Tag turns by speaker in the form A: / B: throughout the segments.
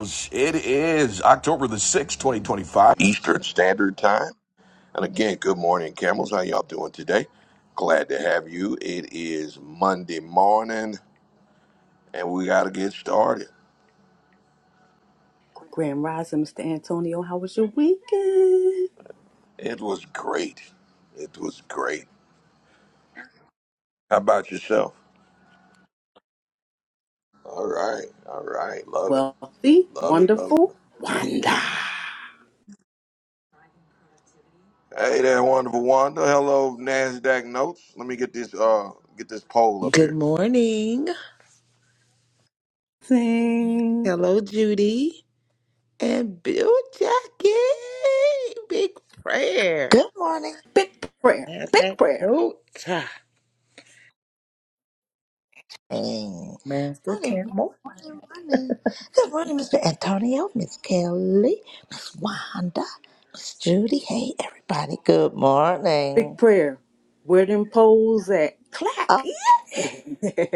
A: It is October the 6th, 2025, Eastern Standard Time. And again, good morning, Camels. How y'all doing today? Glad to have you. It is Monday morning, and we got to get started.
B: Grand Rising, Mr. Antonio, how was your weekend?
A: It was great. It was great. How about yourself? All right. All right. Love it.
B: Wealthy,
A: Love it. Love it.
B: wonderful, wonder.
A: Hey there, wonderful Wanda. Hello, NASDAQ notes. Let me get this uh get this poll up
C: Good
A: here.
C: morning.
B: Sing.
C: Hello, Judy and Bill Jackie. Big prayer.
D: Good morning.
B: Big prayer,
C: That's
B: big
C: that
B: prayer,
C: note.
D: Morning,
C: Master
D: morning,
C: Camel.
D: morning. Good morning, Mr. Antonio, Miss Kelly, Miss Wanda, Miss Judy. Hey, everybody. Good
B: big
D: morning.
B: prayer. Where them poles at? Clack,
D: Oh,
B: yeah.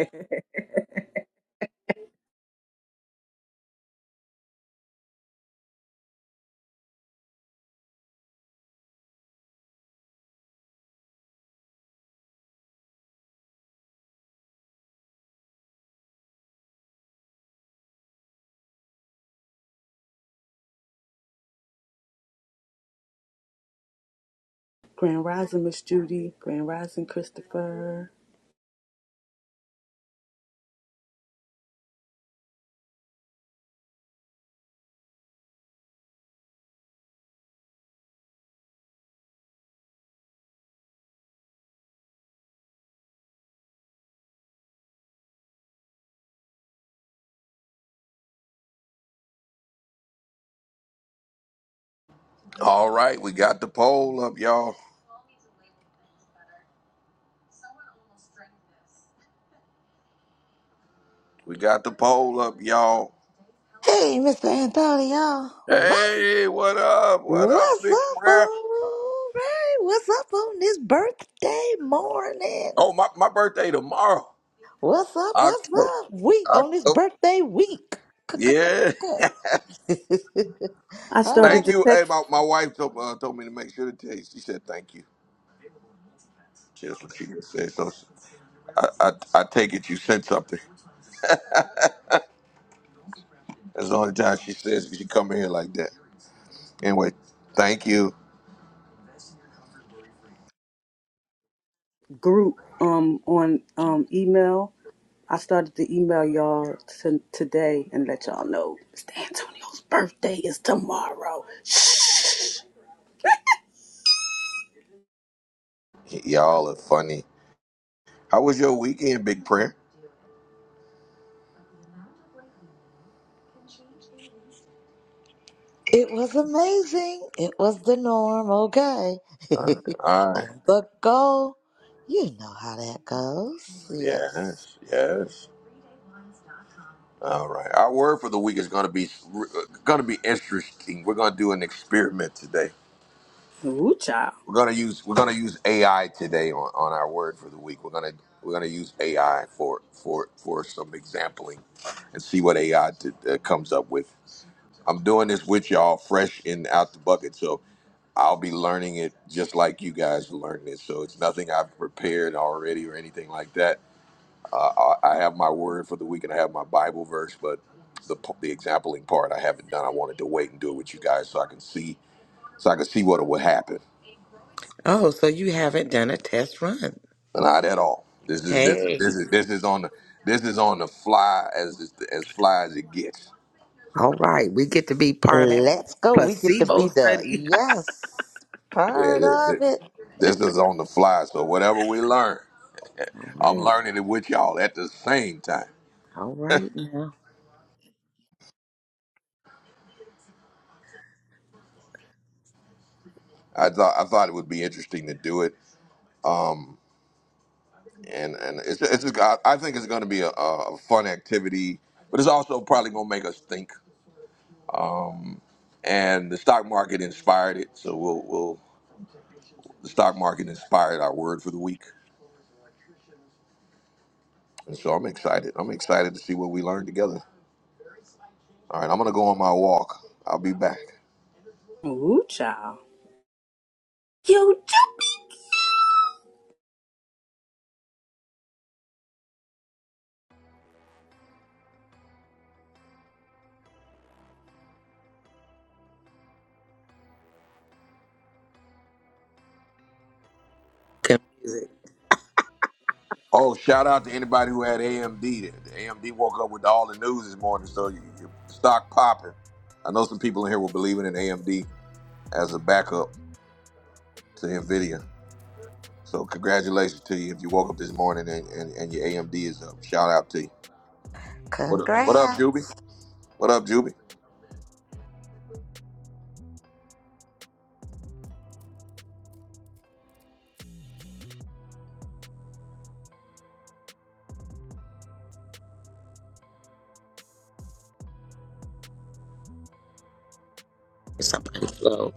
B: Grand Rising, Miss Judy. Grand Rising, Christopher.
A: All right, we got the poll up, y'all. We got the poll up, y'all.
D: hey, Mr. Antonio. What?
A: Hey, what up? What up,
D: What's
A: big
D: up,
A: prayer?
D: all right? What's up on this birthday morning?
A: Oh, my, my birthday tomorrow.
D: What's up? What's
A: October.
D: up? Week on this
A: October.
D: birthday week.
A: Yeah.
B: I
D: all right.
B: started
A: Thank
B: the
A: you. Hey,
B: text
A: my, my wife told, uh, told me to make sure to tell you. She said thank you. That's what she just said. So I, I, I take it you sent something. That's the only time she says she come in here like that. Anyway, thank you.
B: group um on um email. I started to email y'all t- today and let y'all know Mr. Antonio's birthday is tomorrow. Shh.
A: Y- y'all are funny. How was your weekend, big prayer?
D: It was amazing. It was the norm. Okay.
A: Uh, all right.
D: On the go. You know how that goes. Yes.
A: Yes. Yes. All right. Our word for the week is going to be going to be interesting. We're going to do an experiment today.
B: Ooh, child.
A: We're going to use we're going to use AI today on, on our word for the week. We're going to we're going to use AI for for for some sampling and see what AI uh, comes up with. I'm doing this with y'all fresh and out the bucket, so I'll be learning it just like you guys are learning it. So it's nothing I've prepared already or anything like that. Uh, I have my word for the week and I have my Bible verse, but the the exampling part I haven't done. I wanted to wait and do it with you guys so I can see so I can see what would happen.
C: Oh, so you haven't done a test run.
A: Not at all. This is this this
C: Hey.
A: is this is on the this is on the fly as as fly as it gets.
C: All right. We get to be part of that
D: Let's go. We get to
C: placebo
D: be the
C: study.
D: yes
A: Yeah,
D: part
A: this, this
D: of it.
A: this is on the fly. So whatever we learn,
C: All
A: I'm
C: right.
A: learning it with y'all at the same time.
C: All right now.
A: I thought I thought it would be interesting to do it. Um, and and it's it's just, I I think it's going to be a, a fun activity, but it's also probably going to make us think. And the stock market inspired it, so we'll we'll the stock market inspired our word for the week, and so I'm excited. I'm excited to see what we learn together. All right, I'm gonna go on my walk. I'll be back.
B: Ooh, child. Yo, jumpy.
C: Can
A: Oh, shout out to anybody who had AMD. The AMD woke up with all the news this morning, so you, your stock popping. I know some people in here will believe in AMD as a backup to Nvidia. So congratulations to you if you woke up this morning and, and, and your AMD is up. Shout out to you. What up, what up,
D: Congrats.
A: Juby? What up, Juby?
C: somebody flow?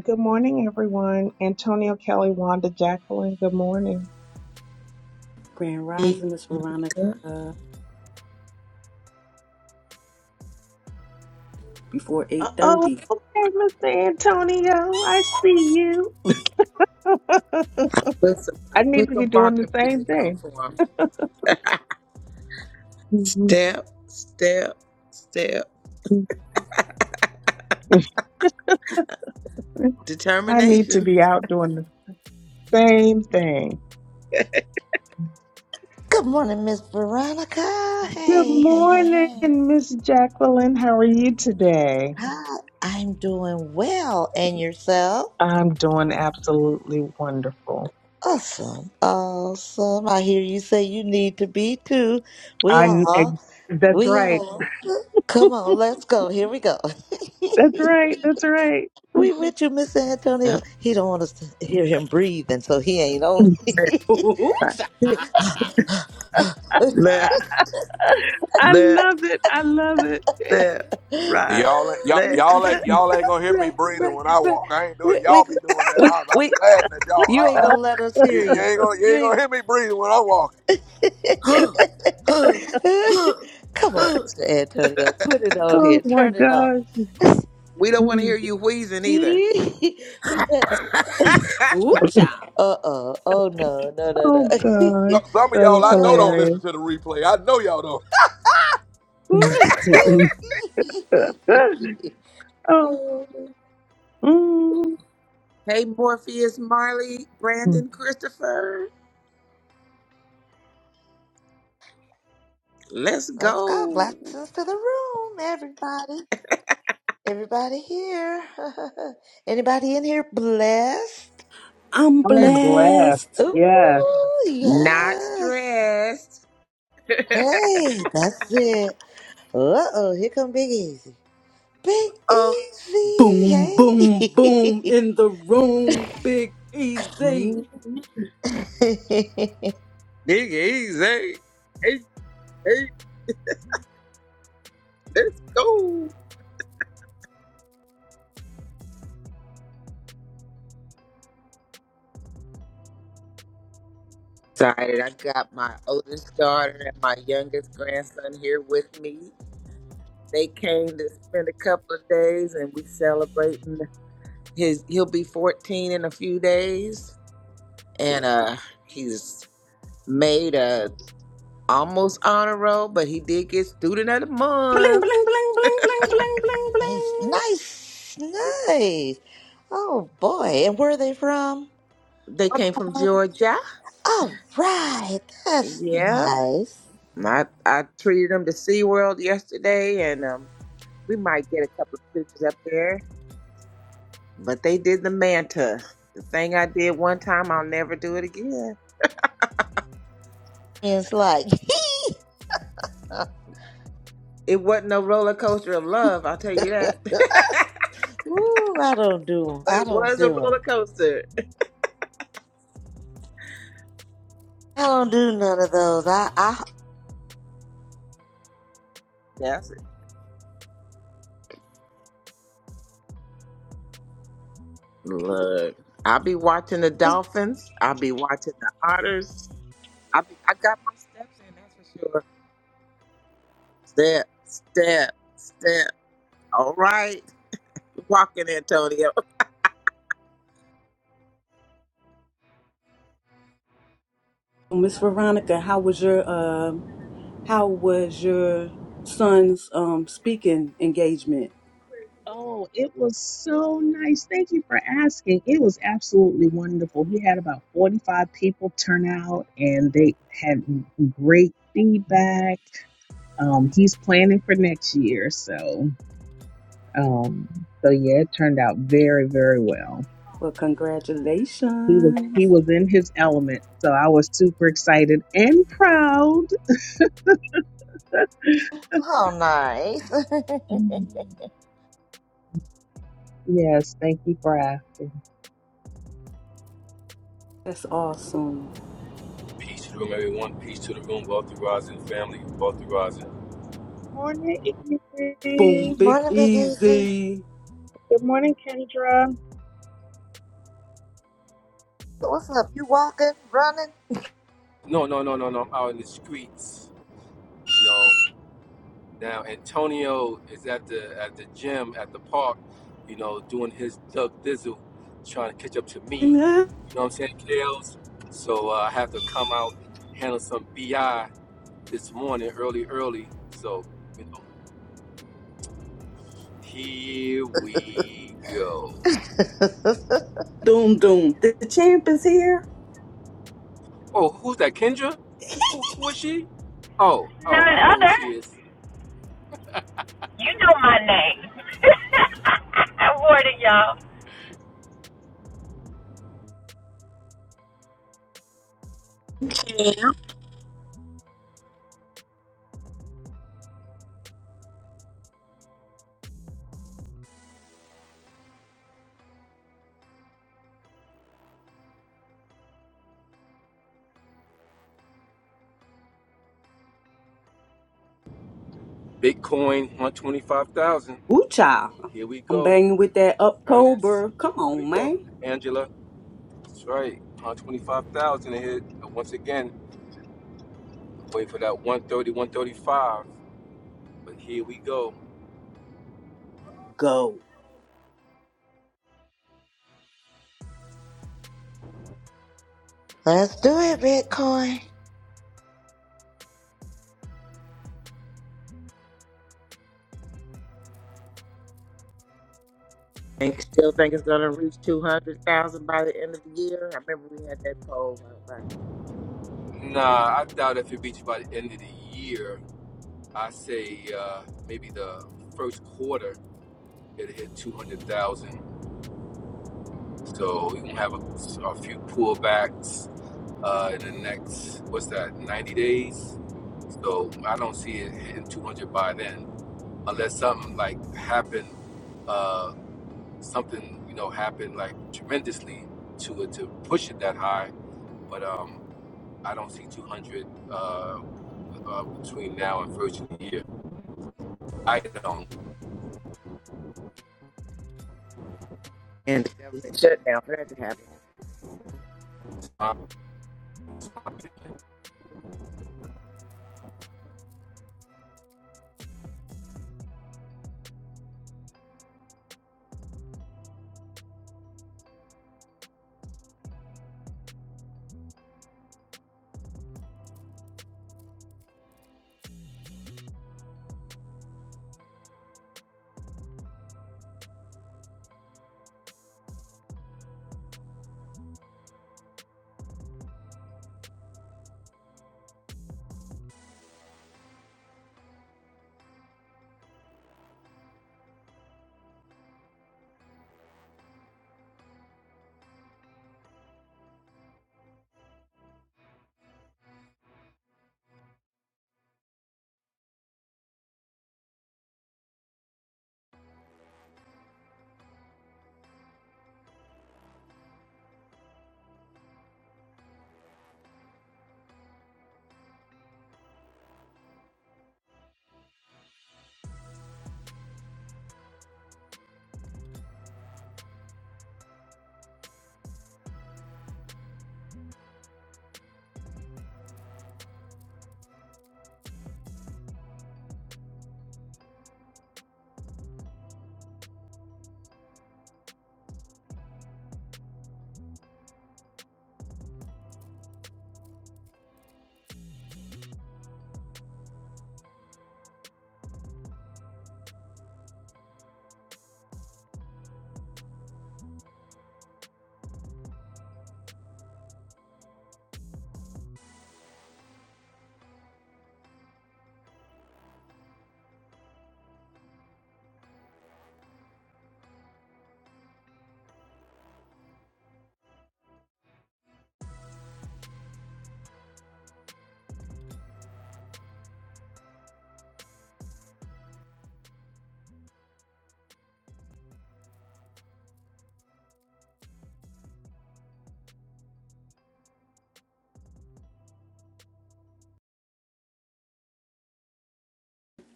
E: Good morning, everyone. Antonio Kelly, Wanda Jacqueline, good morning.
B: Grand
C: Put
B: Rising, Miss Veronica, before
E: Uh oh,
B: 8.30.
E: okay, Mr. Antonio, I see you.
C: some,
E: I need
C: put
E: to be
C: some
E: doing the
C: walking
E: same
C: music on
E: thing.
C: for 'em. Step, step, step.
E: I need to
C: Determination.
E: be out doing the same thing.
D: Good morning, Miss Veronica.
E: Good
D: Hey, hey, hey,
E: morning,
D: hey.
E: Miss Jacqueline. How are you today?
D: Hi. I'm doing well. And yourself?
E: I'm doing absolutely wonderful.
D: Awesome. Awesome. I hear you say you need to be too. We
E: I
D: all.
E: that's
D: We
E: right.
D: all. Come on, let's go. Here we go.
E: That's right. That's right.
D: We with you, Mr. Antonio. He don't want us to hear him breathe, and so he ain't on.
C: left,
B: Ooh,
C: right,
B: child.
C: left,
E: I
C: left,
E: love it. I love it.
C: left, right,
A: Y'all, ain't- y'all,
C: left.
A: y'all ain't y'all ain't gonna hear me
D: right,
A: breathing
D: right,
A: when I
D: right.
A: walk. I ain't doing.
D: We,
A: Y'all
D: we,
A: be doing that.
D: we,
A: I I be
D: we,
A: laughing at y'all.
D: you ain't
A: Uh uh
D: gonna let us
A: You,
D: hear
A: you
D: you.
A: ain't gonna you
D: You
A: ain't
D: ain't.
A: gonna hear me breathing when I'm walking.
D: Come on, Mr. Antonio. Put it on
E: oh
D: here.
E: my
D: Turn
E: gosh.
D: it on.
C: we don't want to hear
E: Mm.
C: you wheezing either.
D: he said,
B: Ooh, child.
D: uh oh, oh no, no, no,
E: Oh
D: no.
E: gosh.
A: Some some of
E: That
A: y'all
E: is
A: I know don't
E: hilarious.
A: listen to the replay. I know y'all don't.
E: Mm.
D: Ah.
E: Mm-mm. oh, mm.
C: hey, Morpheus, Marley,
E: Mm.
C: Brandon, Christopher. Let's
D: Let's go.
C: go.
D: Blessings to the room, everybody. Everybody here. Anybody in here blessed?
B: I'm
E: I'm blessed.
B: blessed.
D: Ooh,
E: Yes.
C: Not
D: yes.
C: stressed.
D: Hey, that's it. Uh oh, here come Big Easy. Big
C: oh,
D: Easy.
B: Boom, boom, boom in the room. Big easy.
C: dig
D: Hey.
C: easy. Hey, hey, let's go. Excited. I got my oldest daughter and my youngest grandson here with me. They came to spend a couple of days and we celebrating his he'll be 14 in a few days. And uh he's made a almost honor roll, but he did get student of the
B: Bling, bling, bling,
C: month.
B: bling, bling, bling, bling,
D: nice,
B: bling.
D: nice, nice. Oh boy, and where are they from?
C: They came from Georgia.
D: All right, that's
C: Yep.
D: nice.
C: I, I treated them to SeaWorld yesterday and um we might get a couple of pictures up there But they did the manta. The thing I did one time, I'll never do it again.
D: It's like
C: It wasn't no roller coaster of love, I'll tell you that. but
D: Woo, I don't do 'em. I
C: it
D: don't
C: was a
D: do
C: roller
D: 'em.
C: coaster.
D: I don't do none of those. I, I,
C: That's it. Look, I'll be watching the dolphins. I'll be watching the otters. I be, I got my steps in, that's for sure. Step, step, step. All right, walking Antonio.
B: Miss Veronica, how was your, um, how was your son's, um, speaking engagement?
E: Oh, it was so nice. Thank you for asking. It was absolutely wonderful. He had about 45 people turn out and they had great feedback. Um, he's planning for next year. So, um, so yeah, it turned out very, very well.
B: Well,
E: He was
B: congratulations.
E: he was in his element. So I was super excited and proud.
D: oh, nice.
E: Mm. Yes, thank you for asking.
B: That's awesome.
F: Peace to the room, everyone. Peace to the room. Wealthy Rising family. Wealthy Rising.
E: Morning,
B: Boom,
E: evening.
B: Big
D: Morning, Big Easy.
B: Easy.
E: Good morning, Kendra.
D: What's up? You walking, running?
F: No, no, no, no, no. I'm out in the streets. You know. Now Antonio is at the at the gym at the park. You know, doing his Doug Dizzle, trying to catch up to me.
B: Doom,
F: You know what I'm saying, Kales? So uh, I have to come out handle some bi this morning, early, early. So you know, here we go.
B: doom. The champ is here.
F: Oh, who's that? Kendra? Who who is she? Oh, oh,
G: None
F: I know who
G: other.
F: she is.
G: You know my name. I'm warning y'all.
C: Okay.
F: Bitcoin 125,000.
B: Woo, child.
F: Here we
B: I'm
F: go,
B: banging with that
F: Ernest.
B: October. Come
F: Here we
B: on,
F: go,
B: man.
F: Angela. That's right, 125,000 ahead. Once again, wait for that one thirty, one thirty-five. But here we go.
B: Go.
D: Let's do it, Bitcoin.
C: And still think it's gonna reach two hundred thousand by the end of the year. I remember we had that poll. I was like,
F: Nah, I doubt if it reaches by the end of the year. I say uh, maybe the first quarter it'll hit 200,000. So we gonna have a, a few pullbacks uh, in the next what's that 90 days so i don't see it hitting 200 by then unless something like happened uh, something you know happened like tremendously to it to push it that high but um, i don't see 200 uh, uh, between now and first of the year i don't
C: and the government shutdown for that to happen.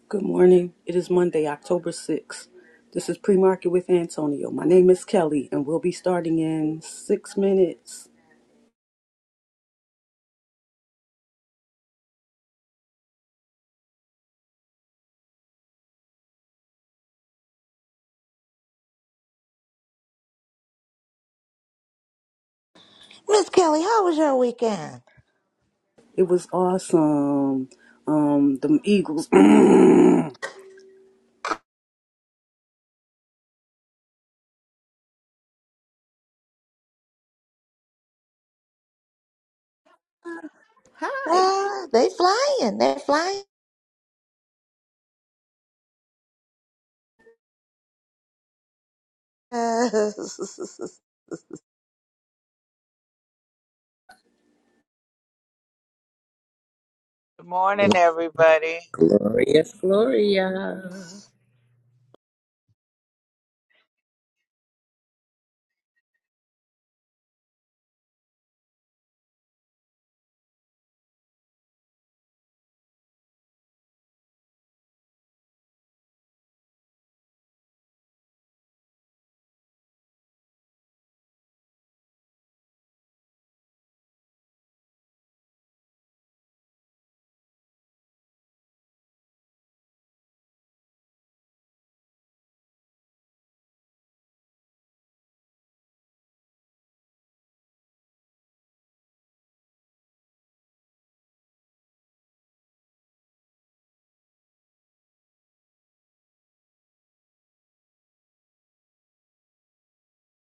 B: Good morning. It is Monday, October 6th. This is Pre Market with Antonio. My name is Kelly, and we'll be starting in six minutes.
D: Miss Kelly, how was your weekend?
B: It was awesome. Um, the Eagles. Hi.
D: Uh, they flying. They're flying.
H: Good morning, everybody.
C: Gloria, Gloria.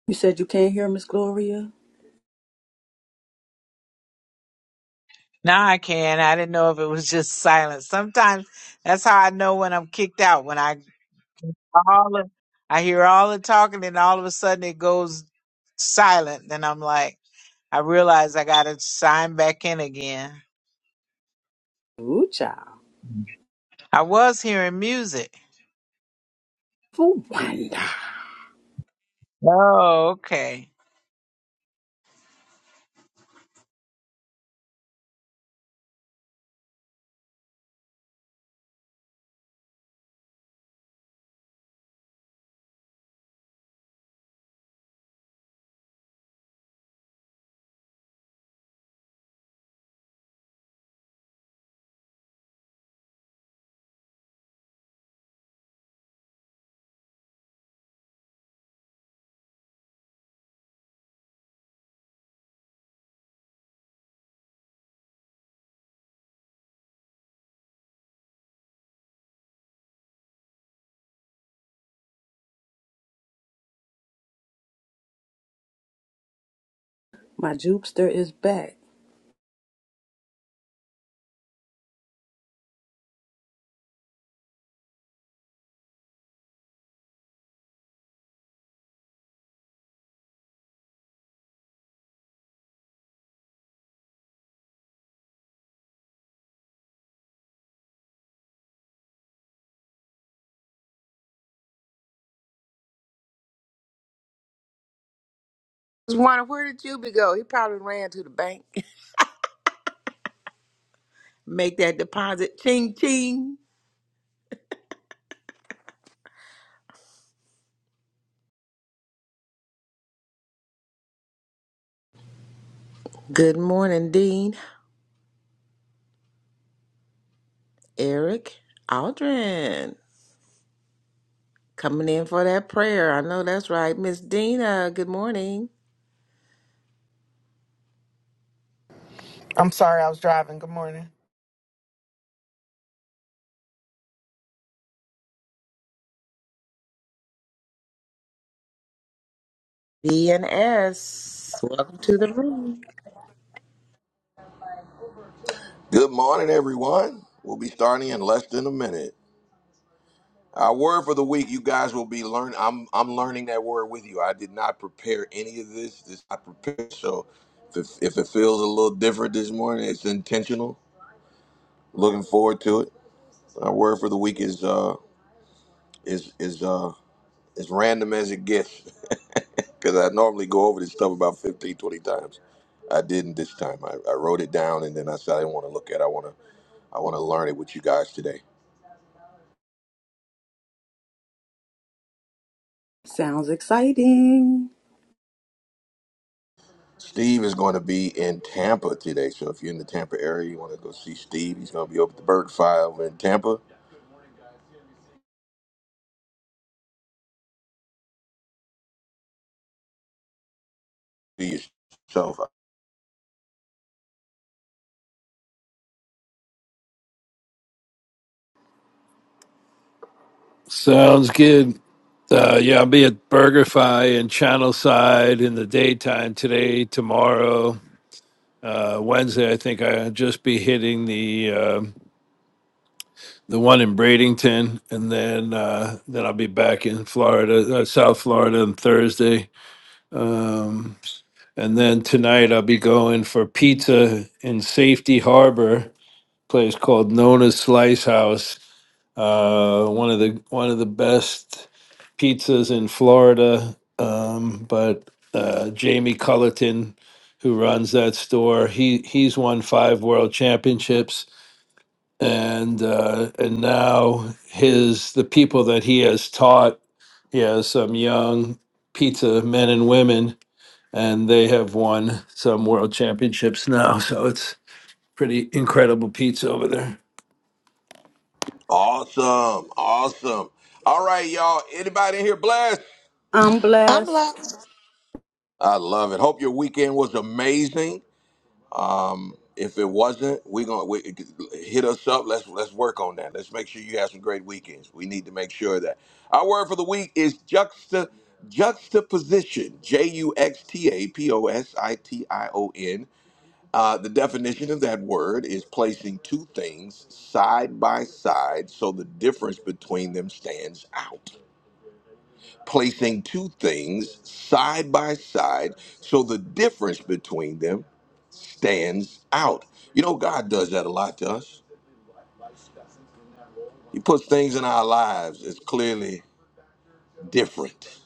B: You said you can't hear Miss Gloria?
H: Now I can. I didn't know if it was just silent. Sometimes that's how I know when I'm kicked out. When I all the, I hear all the talking, and all of a sudden it goes silent. Then I'm like, I realize I got to sign back in again.
B: Ooh, child.
H: I was hearing music.
B: For wonder.
H: Oh, okay.
B: My Jupster is back.
C: Just wonder where did Juby go? He probably ran to the bank, make that deposit. Ching ching. Good morning, Dean, Eric, Aldrin, coming in for that prayer. I know that's right, Miss Dina. Good morning,
I: I'm sorry, I was driving. Good morning.
C: D and S. Welcome to the room.
A: Good morning, everyone. We'll be starting in less than a minute. Our word for the week, you guys will be learning. I'm I'm learning that word with you. I did not prepare any of this. This I prepared. So if it, if it feels a little different this morning, it's intentional. Looking forward to it. Our word for the week is uh is is uh as random as it gets because I normally go over this stuff about 15 20 times. I didn't this time. I, I wrote it down and then I said I didn't want to look at. it. I want to I want to learn it with you guys today.
B: Sounds exciting.
A: Steve is going to be in Tampa today. So if you're in the Tampa area, you want to go see Steve. He's going to be over at the Bird Fire over in Tampa. Be yourself.
J: Sounds good. Uh, yeah, I'll be at BurgerFi in Channelside in the daytime today, tomorrow, uh, Wednesday. I think I'll just be hitting the uh, the one in Bradenton, and then uh, then I'll be back in Florida, uh, South Florida, on Thursday. Um, and then tonight I'll be going for pizza in Safety Harbor, place called Nona's Slice House uh, one of the one of the best pizzas in Florida. Um, but uh, Jamie Cullerton, who runs that store, he he's won five world championships, and uh, and now his the people that he has taught, he has some young pizza men and women, and they have won some world championships now. So it's pretty incredible pizza over there.
A: Awesome. Awesome. All right, y'all. Anybody in here blessed?
B: I'm
D: I'm
B: blessed.
D: blind.
A: I love it. Hope your weekend was amazing. Um, if it wasn't, we're gonna we, hit us up. Let's let's work on that. Let's make sure you have some great weekends. We need to make sure of that our word for the week is juxta juxtaposition. J U X T A P O S I T I O N Uh, the definition of that word is placing two things side by side so the difference between them stands out. Placing two things side by side so the difference between them stands out. You know, God does that a lot to us. He puts things in our lives as clearly different.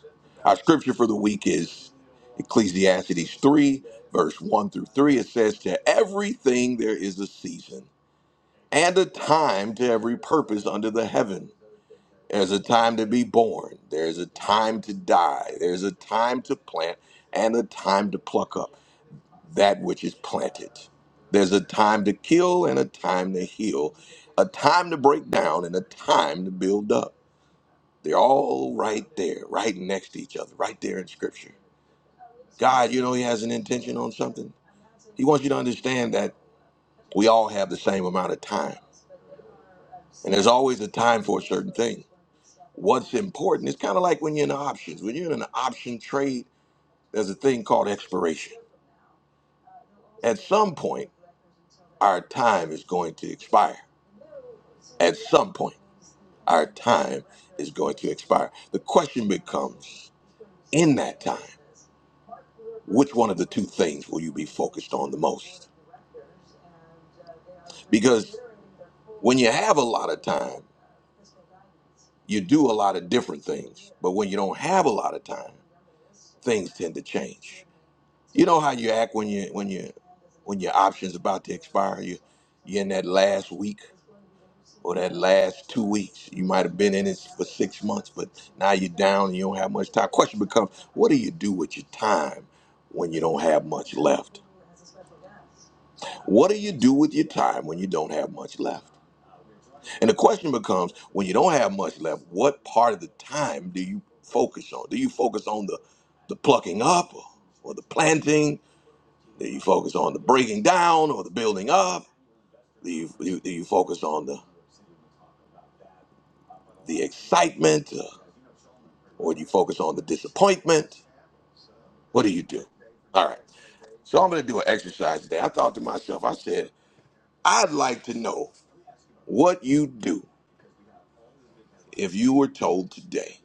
A: Our scripture for the week is Ecclesiastes 3, verse 1 through 3. It says, To everything there is a season and a time to every purpose under the heaven. There's a time to be born, there's a time to die, there's a time to plant, and a time to pluck up that which is planted. There's a time to kill and a time to heal, a time to break down and a time to build up. They're all right there, right next to each other, right there in Scripture. God, you know, He has an intention on something. He wants you to understand that we all have the same amount of time, and there's always a time for a certain thing. What's important? It's kind of like when you're in the options. When you're in an option trade, there's a thing called expiration. At some point, our time is going to expire. At some point, our time is going to expire. The question becomes in that time, which one of the two things will you be focused on the most? Because when you have a lot of time, you do a lot of different things. But when you don't have a lot of time, things tend to change. You know how you act when you when you when your option's about to expire. You you're in that last week or that last two weeks. You might have been in it for six months, but now you're down and you don't have much time. Question becomes, what do you do with your time when you don't have much left? What do you do with your time when you don't have much left? And the question becomes, when you don't have much left, what part of the time do you focus on? Do you focus on the the plucking up or, or the planting? Do you focus on the breaking down or the building up? Do you, do you do you focus on the, the excitement uh, or do you focus on the disappointment? What do you do? All right. So I'm going to do an exercise today. I thought to myself, I said, I'd like to know what you do if you were told today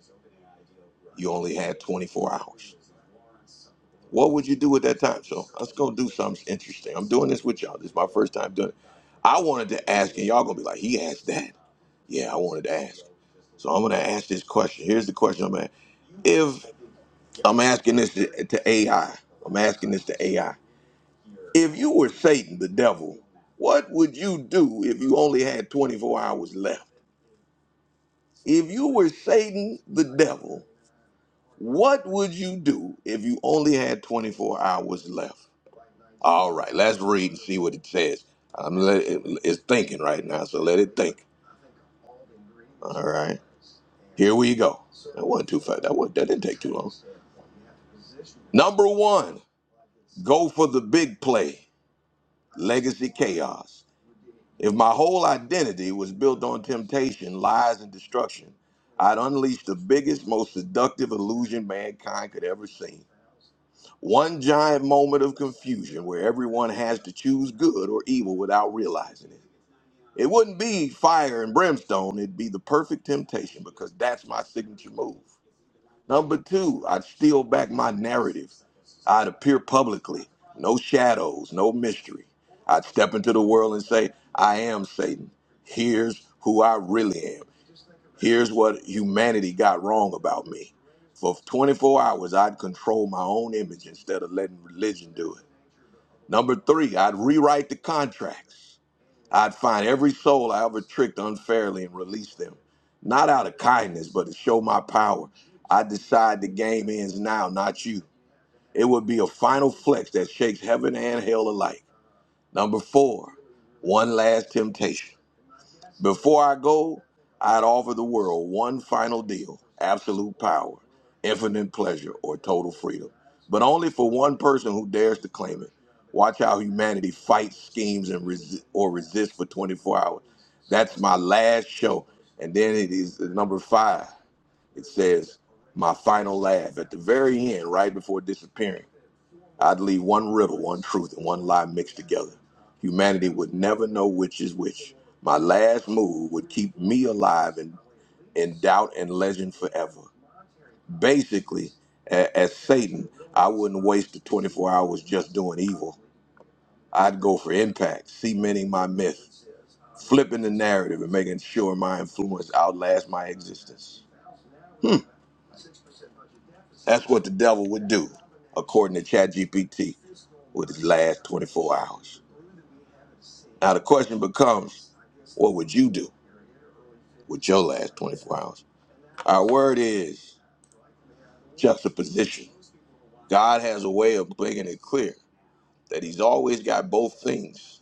A: you only had 24 hours. What would you do at that time? So let's go do something interesting. I'm doing this with y'all. This is my first time doing it. I wanted to ask, and y'all going to be like, he asked that. Yeah, I wanted to ask. So I'm going to ask this question. Here's the question I'm at. I'm asking this to, to AI. I'm asking this to AI. If you were Satan, the devil, what would you do if you only had 24 hours left? If you were Satan, the devil, what would you do if you only had 24 hours left? All right, let's read and see what it says. I'm let it, it's thinking right now, so let it think. All right, here we go. That wasn't too fast. That, was, that didn't take too long. Number one, go for the big play, legacy chaos. If my whole identity was built on temptation, lies, and destruction, I'd unleash the biggest, most seductive illusion mankind could ever see. One giant moment of confusion where everyone has to choose good or evil without realizing it. It wouldn't be fire and brimstone, it'd be the perfect temptation because that's my signature move. Number two, I'd steal back my narrative. I'd appear publicly, no shadows, no mystery. I'd step into the world and say, I am Satan. Here's who I really am. Here's what humanity got wrong about me. For 24 hours, I'd control my own image instead of letting religion do it. Number three, I'd rewrite the contracts. I'd find every soul I ever tricked unfairly and release them, not out of kindness, but to show my power. I decide the game ends now, not you. It would be a final flex that shakes heaven and hell alike. Number four, one last temptation. Before I go, I'd offer the world one final deal absolute power, infinite pleasure, or total freedom. But only for one person who dares to claim it. Watch how humanity fights, schemes, and resi- or resists for 24 hours. That's my last show. And then it is uh, number five. It says, my final laugh at the very end, right before disappearing. I'd leave one riddle, one truth, and one lie mixed together. Humanity would never know which is which. My last move would keep me alive in, in doubt and legend forever. Basically, a- as Satan, I wouldn't waste the 24 hours just doing evil. I'd go for impact, cementing my myth, flipping the narrative, and making sure my influence outlasts my existence. Hmm, that's what the devil would do, according to ChatGPT, with his last 24 hours. Now the question becomes, what would you do with your last 24 hours? Our word is juxtaposition. God has a way of making it clear that He's always got both things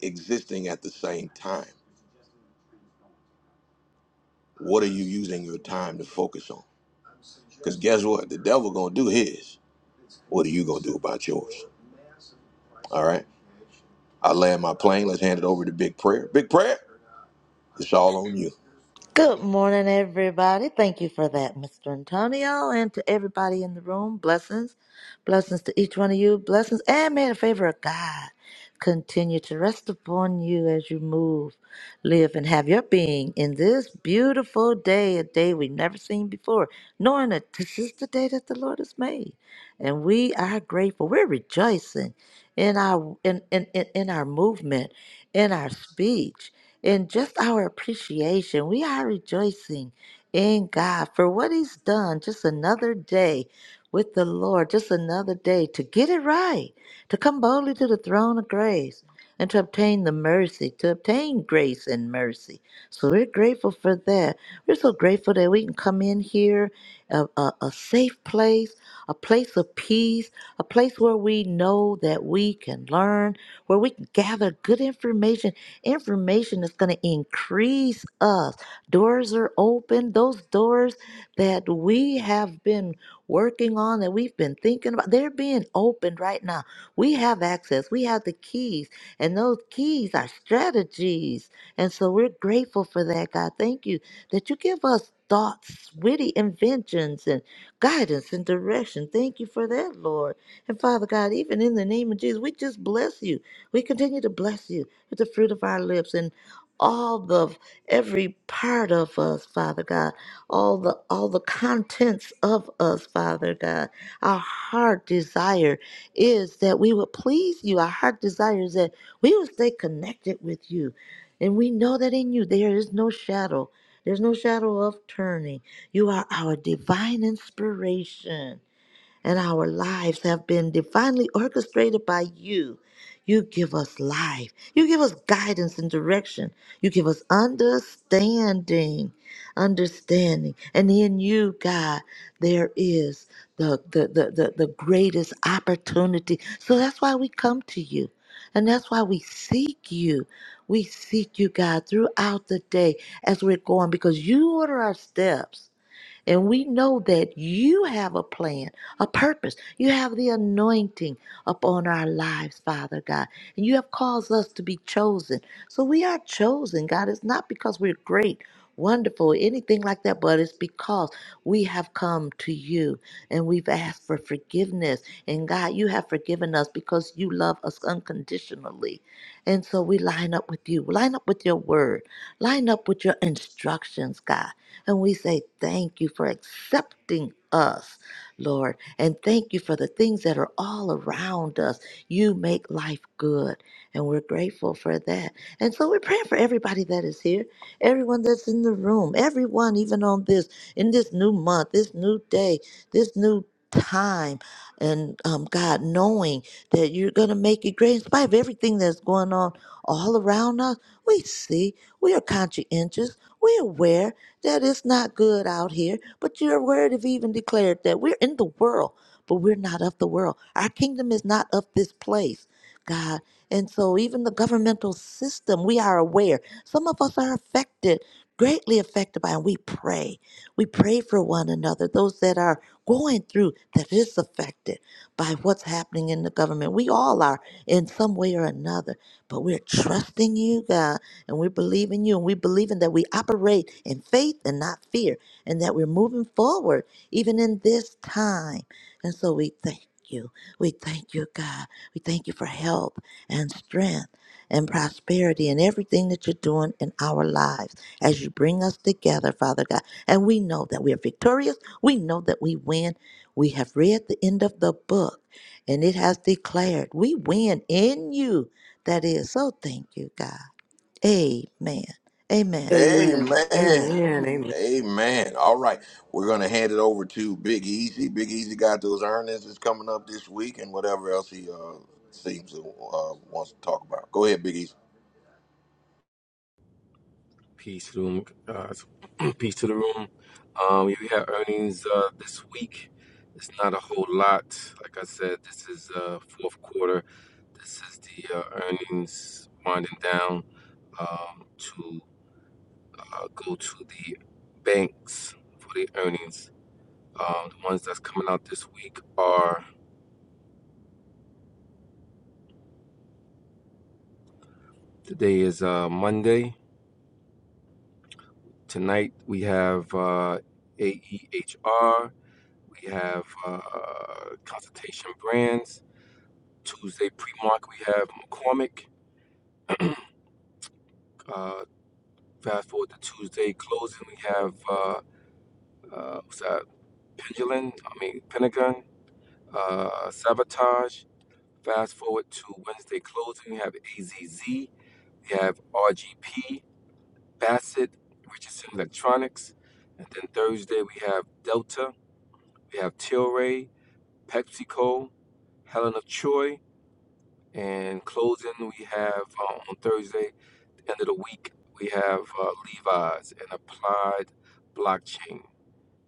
A: existing at the same time. What are you using your time to focus on? Because guess what? The devil gonna do his. What are you gonna do about yours? All right. I land my plane. Let's hand it over to Big Prayer. Big Prayer. It's all on you.
D: Good morning, everybody. Thank you for that, Mr. Antonio, and to everybody in the room. Blessings. Blessings to each one of you. Blessings. And may the favor of God continue to rest upon you as you move, live, and have your being in this beautiful day, a day we've never seen before, knowing that this is the day that the Lord has made. And we are grateful. We're rejoicing in our in, in, in, in our movement, in our speech in just our appreciation. We are rejoicing in God for what He's done. Just another day with the Lord, just another day to get it right, to come boldly to the throne of grace and to obtain the mercy, to obtain grace and mercy. So we're grateful for that. We're so grateful that we can come in here, a, a, a safe place, a place of peace, a place where we know that we can learn, where we can gather good information Information is going to increase us. Doors are open. Those doors that we have been working on, that we've been thinking about, they're being opened right now. We have access, we have the keys, and those keys are strategies. And so we're grateful for that, God. Thank you that you give us thoughts, witty inventions, and guidance and direction. Thank you for that, Lord. And Father God, even in the name of Jesus, we just bless you. We continue to bless you with the fruit of our lips and all the every part of us, Father God, all the all the contents of us, Father God. Our heart desire is that we would please you. Our heart desire is that we would stay connected with you. And we know that in you there is no shadow. There's no shadow of turning. You are our divine inspiration and our lives have been divinely orchestrated by you. You give us life. You give us guidance and direction. You give us understanding, understanding. And in you, God, there is the, the, the, the, the greatest opportunity. So that's why we come to you. And that's why we seek you. We seek you, God, throughout the day as we're going because you order our steps. And we know that you have a plan, a purpose. You have the anointing upon our lives, Father God. And you have caused us to be chosen. So we are chosen, God. It's not because we're great, wonderful, anything like that, but it's because we have come to you and we've asked for forgiveness. And God, you have forgiven us because you love us unconditionally. And so we line up with you, line up with your word, line up with your instructions, God. And we say, Thank you for accepting us, Lord. And thank you for the things that are all around us. You make life good. And we're grateful for that. And so we're praying for everybody that is here, everyone that's in the room, everyone, even on this, in this new month, this new day, this new time. And um, God, knowing that you're going to make it great in spite of everything that's going on all around us, we see, we are conscientious, we're aware, that it's not good out here. But your word have even declared that we're in the world, but we're not of the world. Our kingdom is not of this place, God. And so, even the governmental system, we are aware. Some of us are affected, greatly affected by, and we pray. We pray for one another, those that are going through that is affected by what's happening in the government. We all are in some way or another, but we're trusting you, God and we believe in you and we believe in that we operate in faith and not fear and that we're moving forward even in this time. And so we thank you. We thank you, God. We thank you for help and strength and prosperity and everything that you're doing in our lives as you bring us together, Father God. And we know that we are victorious. We know that we win. We have read the end of the book and it has declared we win in you. That is. So thank you, God. Amen. Amen.
B: Amen.
A: Amen.
K: Amen. Amen.
A: Amen. All right. We're going to hand it over to Big Easy. Big Easy got those earnings that's coming up this week and whatever else he uh, seems to uh, wants to talk about. Go ahead, Big Easy.
F: Peace room. Uh, peace to the room. Um, yeah, we had earnings uh, this week. It's not a whole lot. Like I said, this is uh, fourth quarter. This is the uh, earnings winding down um, to uh, go to the banks for the earnings. Um, the ones that's coming out this week are today is uh, Monday. Tonight we have uh, AEHR. We have uh, Consultation Brands Tuesday pre-market, we have McCormick. Uh, fast forward to Tuesday closing, we have uh, uh, what's that? Pendulum. I mean Pentagon. Uh, Sabotage. Fast forward to Wednesday closing, we have AZZ. We have RGP, Bassett, Richardson Electronics, and then Thursday we have Delta. We have Tilray, PepsiCo, Helen of Troy. And closing, we have uh, on Thursday, the end of the week, we have uh, Levi's and Applied Blockchain.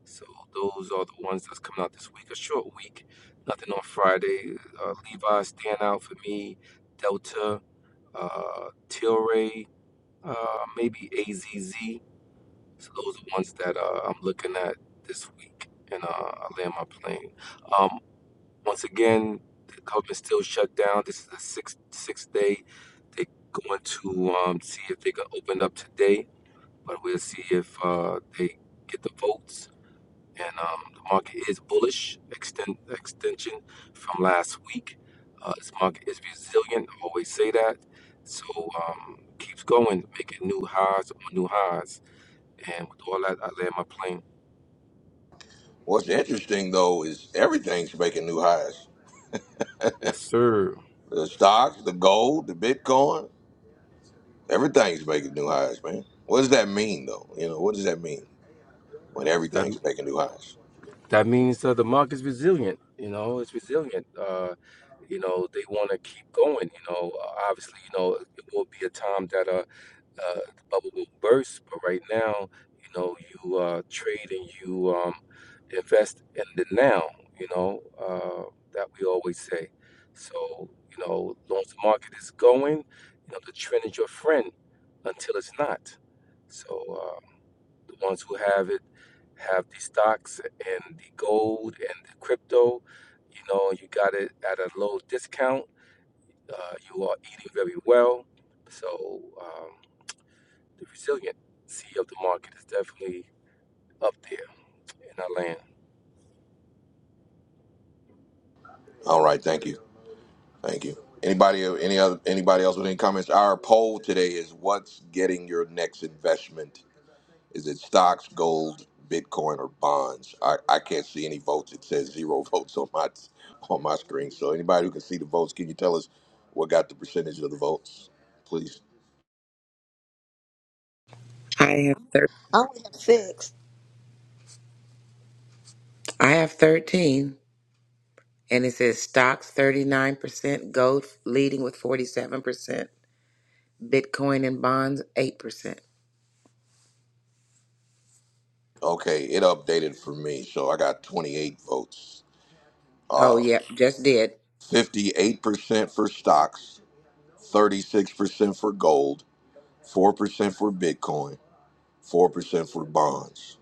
F: So those are the ones that's coming out this week. A short week, nothing on Friday. Uh, Levi's stand out for me. Delta, uh, Tilray, uh, maybe AZZ. So those are the ones that uh, I'm looking at this week, and uh, I land my plane. Um, once again, the government still shut down. This is the sixth sixth day. They're going to um, see if they can open up today, but we'll see if uh, they get the votes. And um, the market is bullish. Extend extension from last week. Uh, this market is resilient. I always say that. So um, keeps going, making new highs on new highs. And with all that, I land my plane.
A: What's interesting, though, is everything's making new highs.
F: Yes, sir.
A: The stocks, the gold, the Bitcoin, everything's making new highs, man. What does that mean, though? You know, what does that mean when
F: That.
A: everything's making new highs?
F: that means uh, the market's resilient. You know, it's resilient. Uh, you know, they want to keep going. You know, uh, obviously, you know, it will be a time that uh, uh, the bubble will burst. But right now, you know, you uh, trade and you um, invest in the now. You know, uh, that we always say. So, you know, as long as the market is going, you know, the trend is your friend until it's not. So. Uh, the ones who have it have the stocks and the gold and the crypto. You know, you got it at a low discount. Uh, you are eating very well. So um, the resiliency of the market is definitely up there in our land.
A: All right. Thank you. Thank you. Anybody, any other, anybody else with any comments? Our poll today is: What's getting your next investment? Is it stocks, gold, Bitcoin, or bonds? I, I can't see any votes. It says zero votes on my on my screen. So anybody who can see the votes, can you tell us what got the percentage of the votes, please?
C: I have thir-
D: I only have six.
C: I have thirteen, and it says stocks thirty nine percent, gold leading with forty seven percent. Bitcoin and bonds, 8%.
A: Okay, it updated for me, so I got 28 votes.
C: Oh,
A: Uh,
C: yeah, just did.
A: 58% for stocks, 36% for gold, 4% for Bitcoin, Four percent for bonds.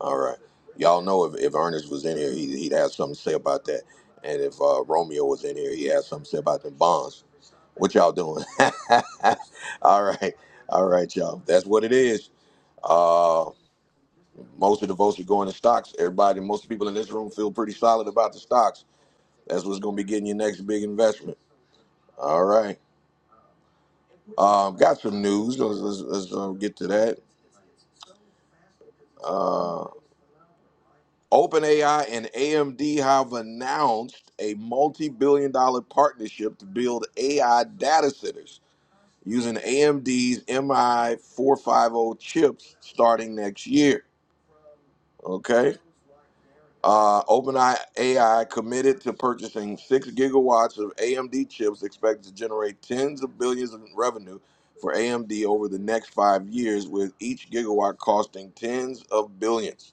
A: All right. Y'all know if, if Ernest was in here, he, he'd have something to say about that. And if uh, Romeo was in here, he'd have something to say about them bonds. What y'all doing? All right. All right, y'all. That's what it is. Uh, most of the votes are going to stocks. Everybody, most people in this room feel pretty solid about the stocks. That's what's going to be getting your next big investment. All right. Um, got some news. Let's, let's, let's uh, get to that. Uh, OpenAI and AMD have announced a multi billion dollar partnership to build AI data centers using AMD's MI450 chips starting next year. Okay. Uh, OpenAI committed to purchasing six gigawatts of AMD chips, expected to generate tens of billions in revenue for AMD over the next five years, with each gigawatt costing tens of billions.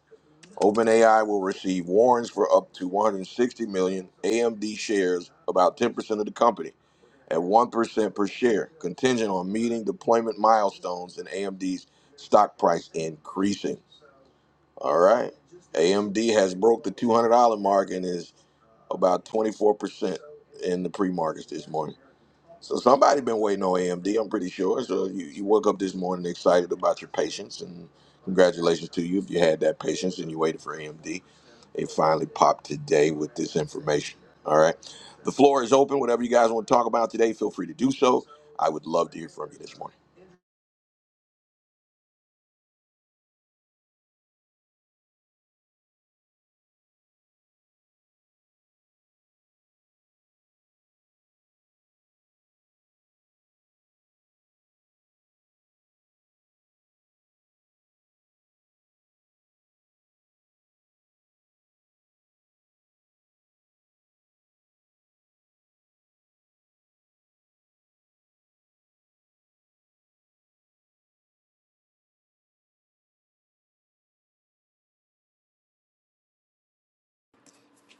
A: OpenAI will receive warrants for up to 160 million AMD shares, about 10% of the company, at 1% per share, contingent on meeting deployment milestones and AMD's stock price increasing. All right. AMD has broke the $200 mark and is about 24% in the pre-markets this morning. So somebody been waiting on AMD, I'm pretty sure. So you, you woke up this morning excited about your patience, and congratulations to you if you had that patience and you waited for AMD. It finally popped today with this information. All right. The floor is open. Whatever you guys want to talk about today, feel free to do so. I would love to hear from you this morning.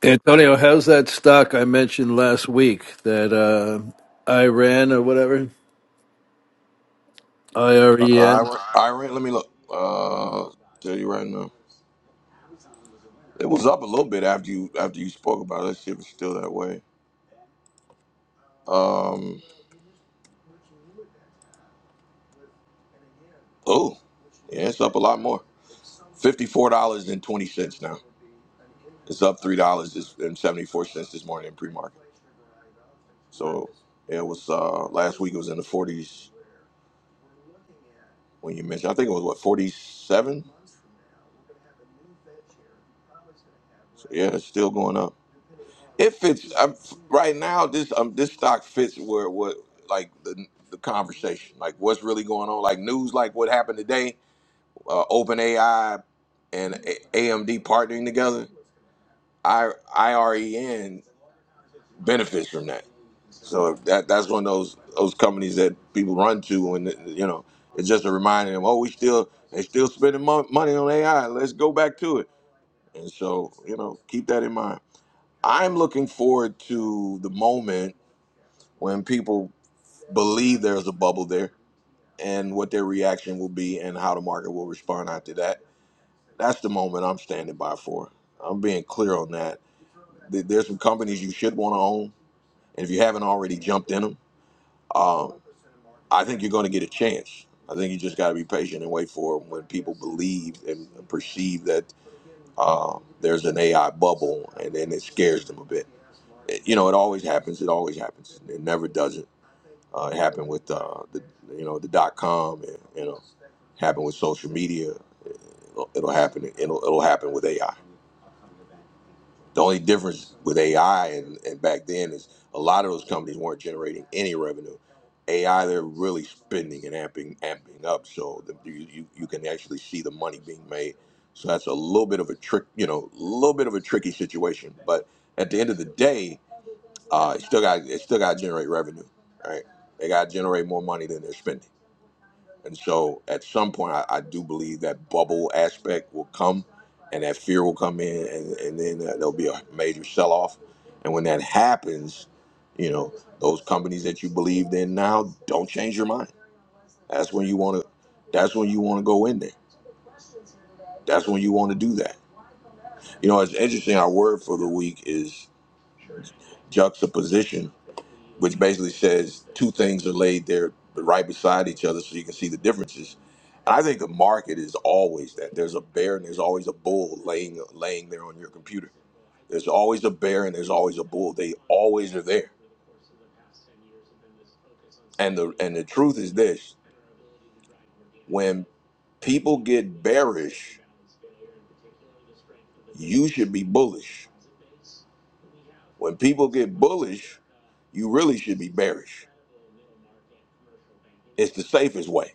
J: Antonio, how's that stock I mentioned last week that uh, Iran or whatever, IREN,
A: Iran, Iran let me look. Uh, tell you right now, it was up a little bit after you after you spoke about it. Let's see it's still that way. Um, oh, yeah, it's up a lot more. Fifty-four dollars and twenty cents now. It's up three dollars and seventy-four cents this morning in pre-market. So it was uh, last week. It was in the forties when you mentioned. I think it was what forty-seven. So yeah, it's still going up. It fits i right now. This um, this stock fits where what like the the conversation, like what's really going on, like news, like what happened today. Uh, Open and A- AMD partnering together. I I R E N benefits from that So if that that's one of those those companies that people run to, and you know, it's just a reminder. Them, oh, we still they still spending mon- money on AI. Let's go back to it. And so you know, keep that in mind. I'm looking forward to the moment when people believe there's a bubble there, and what their reaction will be, and how the market will respond after that. That's the moment I'm standing by for. I'm being clear on that. There- There's some companies you should want to own, and if you haven't already jumped in them. I think you're going to get a chance. I think you just got to be patient and wait for when people believe and perceive that uh, there's an AI bubble, and then it scares them a bit. It- you know, it always happens. It always happens. It never doesn't. Uh, it happened with uh, the you know the dot com, and you know, happened with social media. It'll, it'll happen. It'll it'll happen with AI. The only difference with AI and, and back then is a lot of those companies weren't generating any revenue. AI, they're really spending and amping, amping up, so the, you, you you can actually see the money being made. So that's a little bit of a trick, you know, a little bit of a tricky situation. But at the end of the day, uh, it still got it still got to generate revenue, right? They got to generate more money than they're spending. And so at some point, I, I do believe that bubble aspect will come and that fear will come in, and, and then uh, there'll be a major sell off. And when that happens, you know, those companies that you believed in now, don't change your mind. That's when you want to. That's when you want to go in there. That's when you want to do that. You know, it's interesting. Our word for the week is juxtaposition, which basically says two things are laid there right beside each other so you can see the differences. And I think the market is always that. There's a bear and there's always a bull laying laying there on your computer. There's always a bear and there's always a bull. They always are there. And the and the truth is this when people get bearish, you should be bullish. When people get bullish, you really should be bearish. It's the safest way.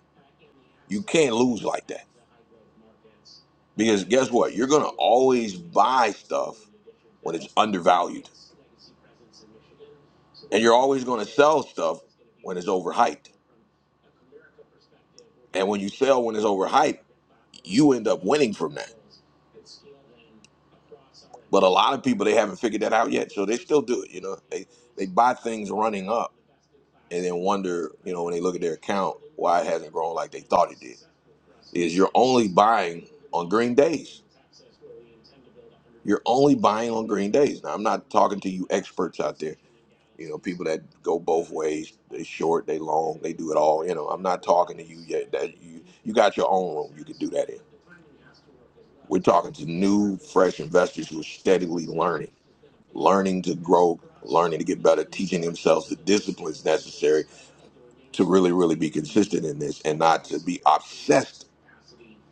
A: You can't lose like that. Because guess what? You're going to always buy stuff when it's undervalued. And you're always going to sell stuff when it's overhyped. And when you sell when it's overhyped, you end up winning from that. But a lot of people, they haven't figured that out yet. So they still do it. You know, they, they buy things running up and then wonder, you know, when they look at their account, why it hasn't grown like they thought it did. Is you're only buying on green days. You're only buying on green days. Now, I'm not talking to you experts out there. You know, people that go both ways, they short, they long, they do it all. You know, I'm not talking to you yet that you you got your own room you can do that in. We're talking to new, fresh investors who are steadily learning, learning to grow, learning to get better, teaching themselves the disciplines necessary to really, really be consistent in this and not to be obsessed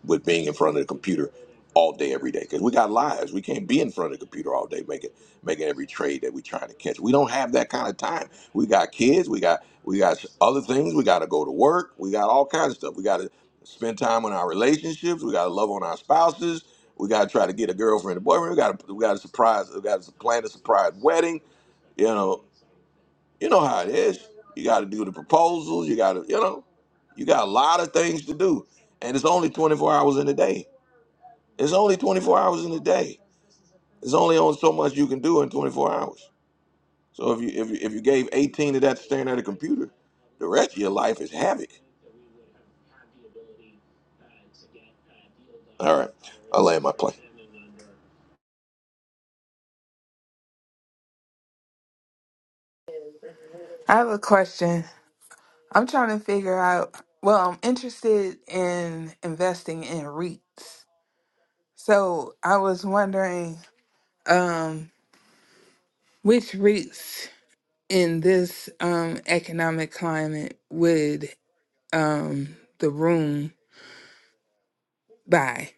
A: with being in front of the computer all day every day because we got lives we can't be in front of the computer all day making making every trade that we trying to catch we don't have that kind of time we got kids we got we got other things we got to go to work we got all kinds of stuff we got to spend time on our relationships we got to love on our spouses we got to try to get a girlfriend a boyfriend we got to we got to surprise we got to plan a surprise wedding you know you know how it is. You got to do the proposals. You got to, you know, you got a lot of things to do, and it's only 24 hours in a day. It's only 24 hours in a day. There's only on so much you can do in 24 hours. So if you if you, if you gave 18 of that to staring at a computer, the rest of your life is havoc. All right, I land my plane.
L: I have a question. I'm trying to figure out, well, I'm interested in investing in REITs. So I was wondering um, which REITs in this um, economic climate would um, the room buy?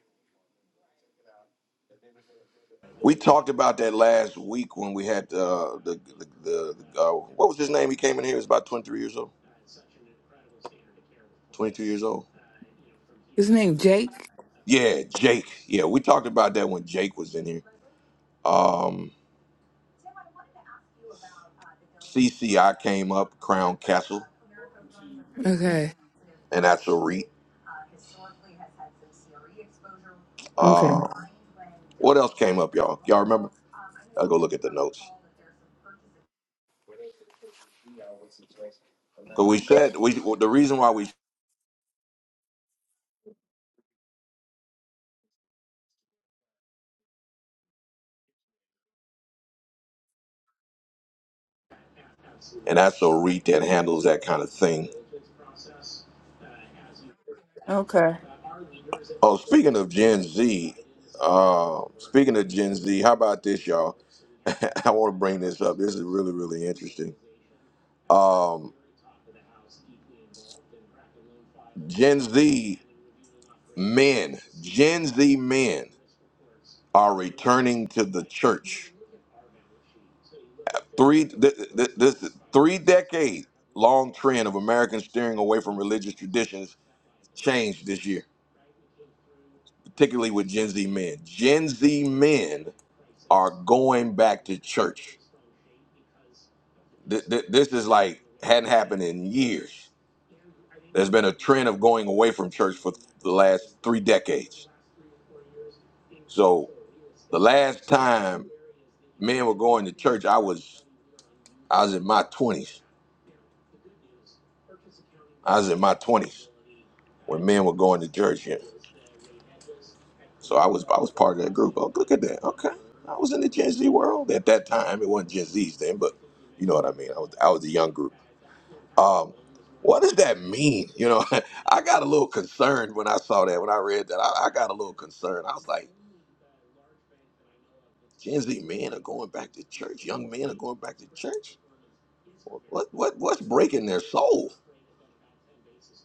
A: We talked about that last week when we had uh, the the, the uh, what was his name? He came in here. He was about 23 years old. 22 years old.
L: His name Jake?
A: Yeah, Jake. Yeah, we talked about that when Jake was in here Um, CCI came up, Crown Cap,
L: Okay.
A: Natural REIT.
L: Okay.
A: Uh, what else came up, y'all? Y'all remember? Because we said we the reason why we and that's a REIT that handles that kind of thing.
L: Okay.
A: Oh, speaking of Gen Z, uh, speaking of Gen Z, how about this, y'all? I want to bring this up. This is really really interesting. Um, Gen Z men, Gen Z men are returning to the church Three th- th- this three decade long trend of Americans steering away from religious traditions changed this year, particularly with Gen Z men. Gen Z men are going back to church. Th- th- this is like hadn't happened in years. There's been a trend of going away from church for the last three decades. So the last time men were going to church, I was I was in my twenties. I was in my twenties when men were going to church. So I was I was part of that group. Oh, look at that. Okay. I was in the Gen Z world at that time. It wasn't Gen Z's then, but you know what I mean. I was I was a young group. Um, what does that mean? You know, I got a little concerned when I saw that. When I read that, I, I got a little concerned. I was like, Gen Z men are going back to church. Young men are going back to church. What what what's breaking their soul?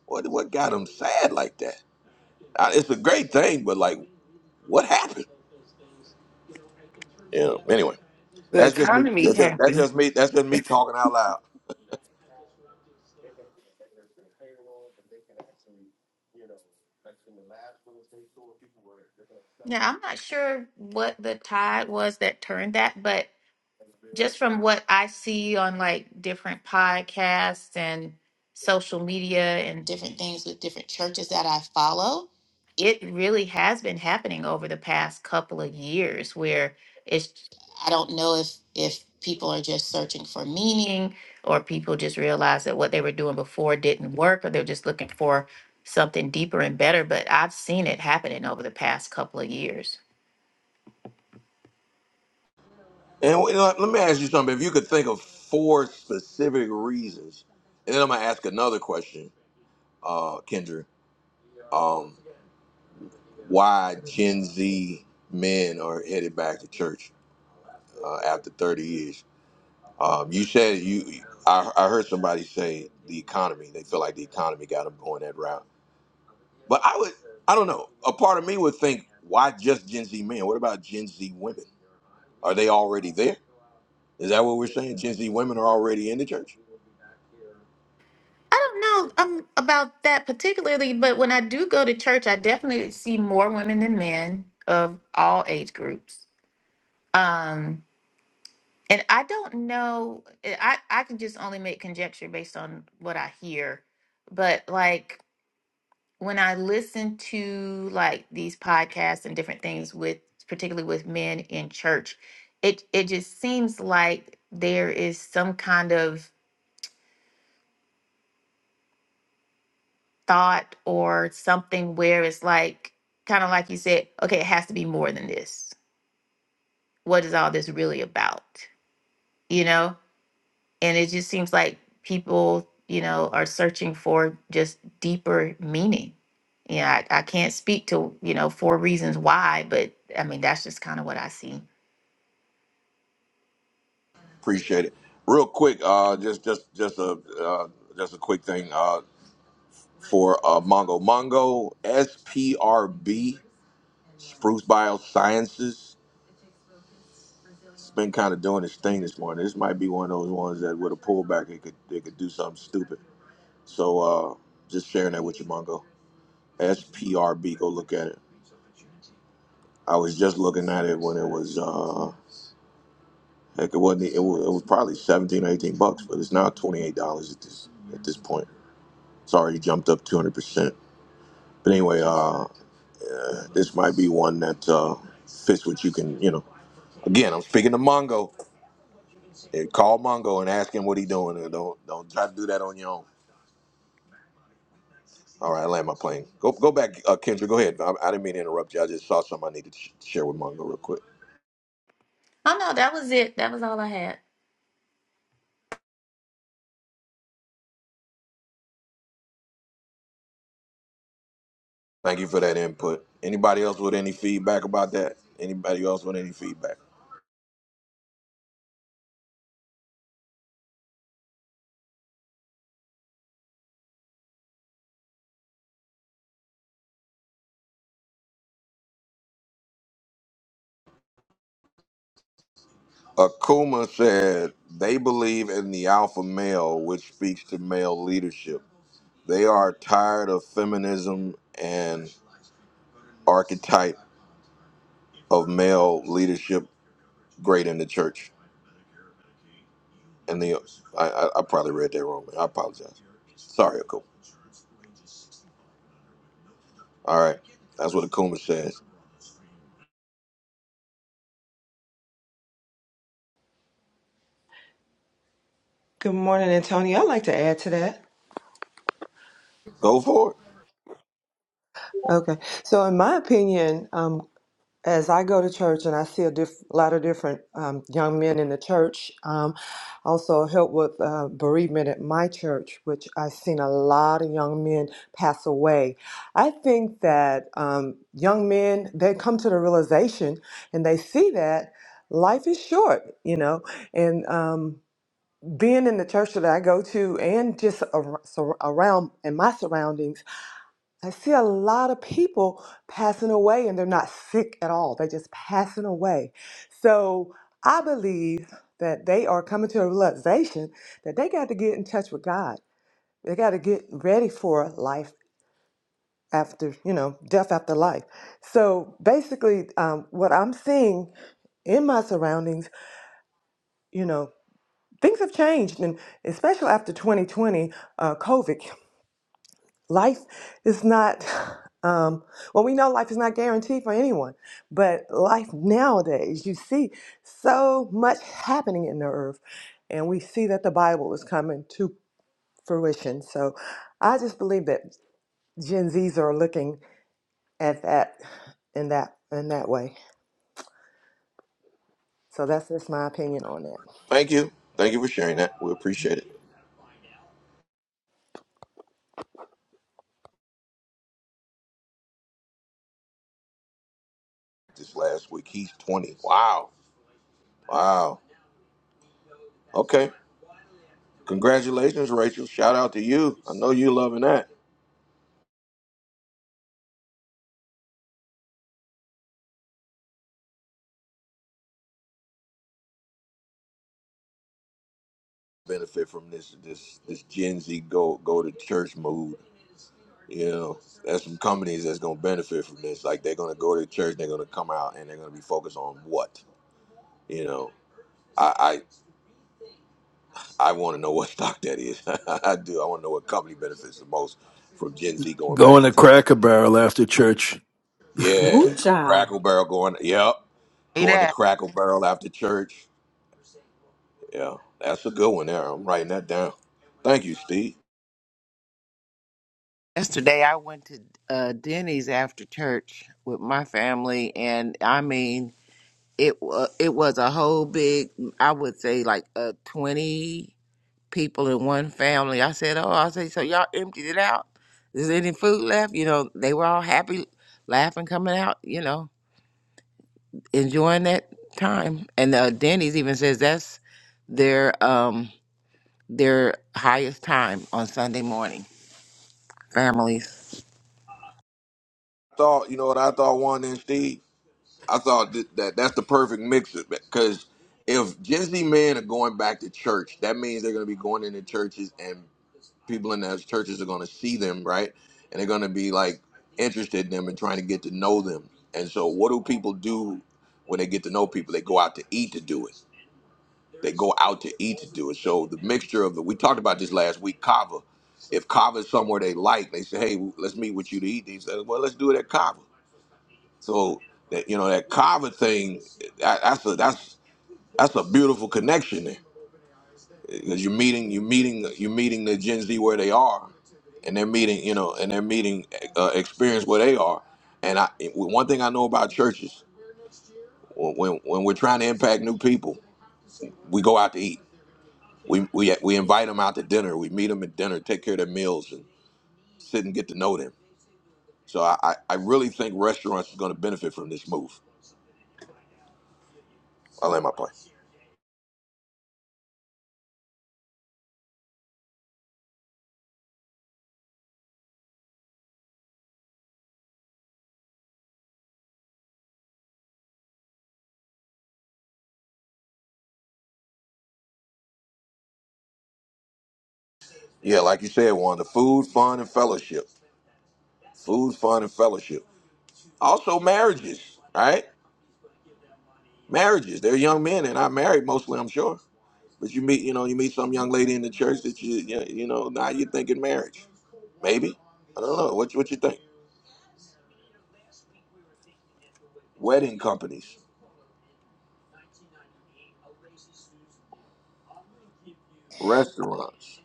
A: What what got them sad like that? Uh, It's a great thing, but like, what happened? Yeah. Anyway,
L: The
A: that's just me.
L: economy
A: That's just, that's
L: happened.
A: just me. That's just me talking out loud.
G: Yeah, I'm not sure what the tide was that turned that, but just from what I see on like different podcasts and social media and different things with different churches that I follow, it really has been happening over the past couple of years where it's I don't know if if people are just searching for meaning or people just realize that what they were doing before didn't work or they're just looking for something deeper and better, but I've seen it happening over the past couple of years.
A: And you know, let me ask you something. If you could think of four specific reasons, and then I'm gonna ask another question, uh, Kendra, um, why Gen Z men are headed back to church uh, after 30 years? Um, you said you. I, I heard somebody say the economy. They feel like the economy got them going that route. But I would. I don't know. A part of me would think, why just Gen Z men? What about Gen Z women? Are they already there? Is that what we're saying? Gen Z women are already in the church.
G: I don't know um, about that particularly, but when I do go to church, I definitely see more women than men of all age groups. Um, and I don't know, eh, I, I can just only make conjecture based on what I hear. But like when I listen to like these podcasts and different things with, particularly with men in church, it, it just seems like there is some kind of thought or something where it's like, kind of like you said, okay, it has to be more than this. What is all this really about? You know? And it just seems like people, you know, are searching for just deeper meaning. Yeah, I, I can't speak to, you know, four reasons why, but I mean, that's just kind of what I see.
A: Appreciate it. Real quick, uh, just just just a uh, just a quick thing uh, for uh, Mongo Mongo SPRB Spruce Biosciences. It's been kind of doing its thing this morning. This might be one of those ones that with a pullback it could it could do something stupid. So uh, just sharing that with you, Mongo. SPRB, go look at it. I was just looking at it when it was. uh, Heck, it wasn't. It was, it was probably seventeen or eighteen bucks, but it's now twenty eight dollars at this at this point. It's already jumped up two hundred percent. But anyway, uh, uh, this might be one that uh, fits what you can. You know, again, I'm speaking to Mongo. Eh, Call Mongo and ask him what he doing. And don't don't try to do that on your own. All right, I land my plane. Go go back, uh, Kendra. Go ahead. I, I didn't mean to interrupt you. I just saw something I needed to sh- share with Mongo real quick.
G: Oh, no, that was it. That was all I had.
A: Thank you for that input. Anybody else with any feedback about that? Anybody else with any feedback? Akuma said they believe in the alpha male, which speaks to male leadership. They are tired of feminism and archetype of male leadership great in the church. And the I, I, I probably read that wrong. I apologize. Sorry, Akuma. All right, that's what Akuma says.
K: Good morning, Antonio. I'd like to add to that.
A: Go for it.
K: Okay. So, in my opinion, um, as I go to church and I see a diff- lot of different um, young men in the church, um, also help with uh, bereavement at my church, which I've seen a lot of young men pass away. I think that um, young men, they come to the realization and they see that life is short, you know, and um, being in the church that I go to and just ar- sur- around in my surroundings, I see a lot of people passing away and they're not sick at all. They're just passing away. So I believe that they are coming to a realization that they got to get in touch with God. They got to get ready for life after, you know, death after life. So basically, um, what I'm seeing in my surroundings, you know, things have changed, and especially after 2020, uh, COVID, life is not. Um, well, we know life is not guaranteed for anyone, but life nowadays, you see so much happening in the earth, and we see that the Bible is coming to fruition. So, I just believe that Gen Zs are looking at that in that in that way. So that's just my opinion on that.
A: Thank you. Thank you for sharing that. We appreciate it. This last week, he's twenty. Wow. Wow. Okay. Congratulations, Rachel. Shout out to you. I know you loving that. benefit from this this this Gen Z go go to church mood. You know, there's some companies that's gonna benefit from this. Like they're gonna go to church, they're gonna come out, and they're gonna be focused on what. You know, I I, I want to know what stock that is. I do. I want to know what company benefits the most from Gen Z going back
J: going
A: to
J: to
A: church.
J: Cracker Barrel after church?
B: Woo
A: Yeah,
B: child.
A: Crackle Barrel going. Yep,
C: Hey,
A: going to
C: Dad.
A: Crackle Barrel after church. Yeah, that's a good one there. I'm writing that down. Thank you, Steve.
C: Yesterday, I went to uh, Denny's after church with my family, and I mean, it wa it was a whole big. I would say like uh, twenty people in one family. I said, "Oh, I say so y'all emptied it out. Is there any food left?" You know, they were all happy, laughing, coming out. You know, enjoying that time. And uh, Denny's even says that's their um their highest time on Sunday morning. Families.
A: Thought you know what I thought, one and Steve. I thought that, that that's the perfect mix because if Gen Z men are going back to church, that means they're going to be going into churches and people in those churches are going to see them, right? And they're going to be like interested in them and trying to get to know them. And so, what do people do when they get to know people? They go out to eat to do it. They go out to eat to do it. So the mixture of the we talked about this last week, Kava. If Kava is somewhere they like, they say, "Hey, let's meet with you to eat." They say, "Well, let's do it at Kava." So that you know that Carver thing, that, that's a that's that's a beautiful connection there because you're meeting you're meeting you're meeting the Gen Z where they are, and they're meeting you know and they're meeting uh, experience where they are. And I one thing I know about churches when when we're trying to impact new people, we go out to eat. We we we invite them out to dinner. We meet them at dinner, take care of their meals, and sit and get to know them. So I I I really think restaurants are going to benefit from this move. I land my plane. Yeah, like you said, one the food, fun, and fellowship. Food, fun, and fellowship. Also, marriages, right? Marriages. They're young men and not married mostly, I'm sure. But you meet, you know, you meet some young lady in the church that you, you you know, now you're thinking marriage. Maybe I don't know. What you- what you think? Wedding companies, restaurants.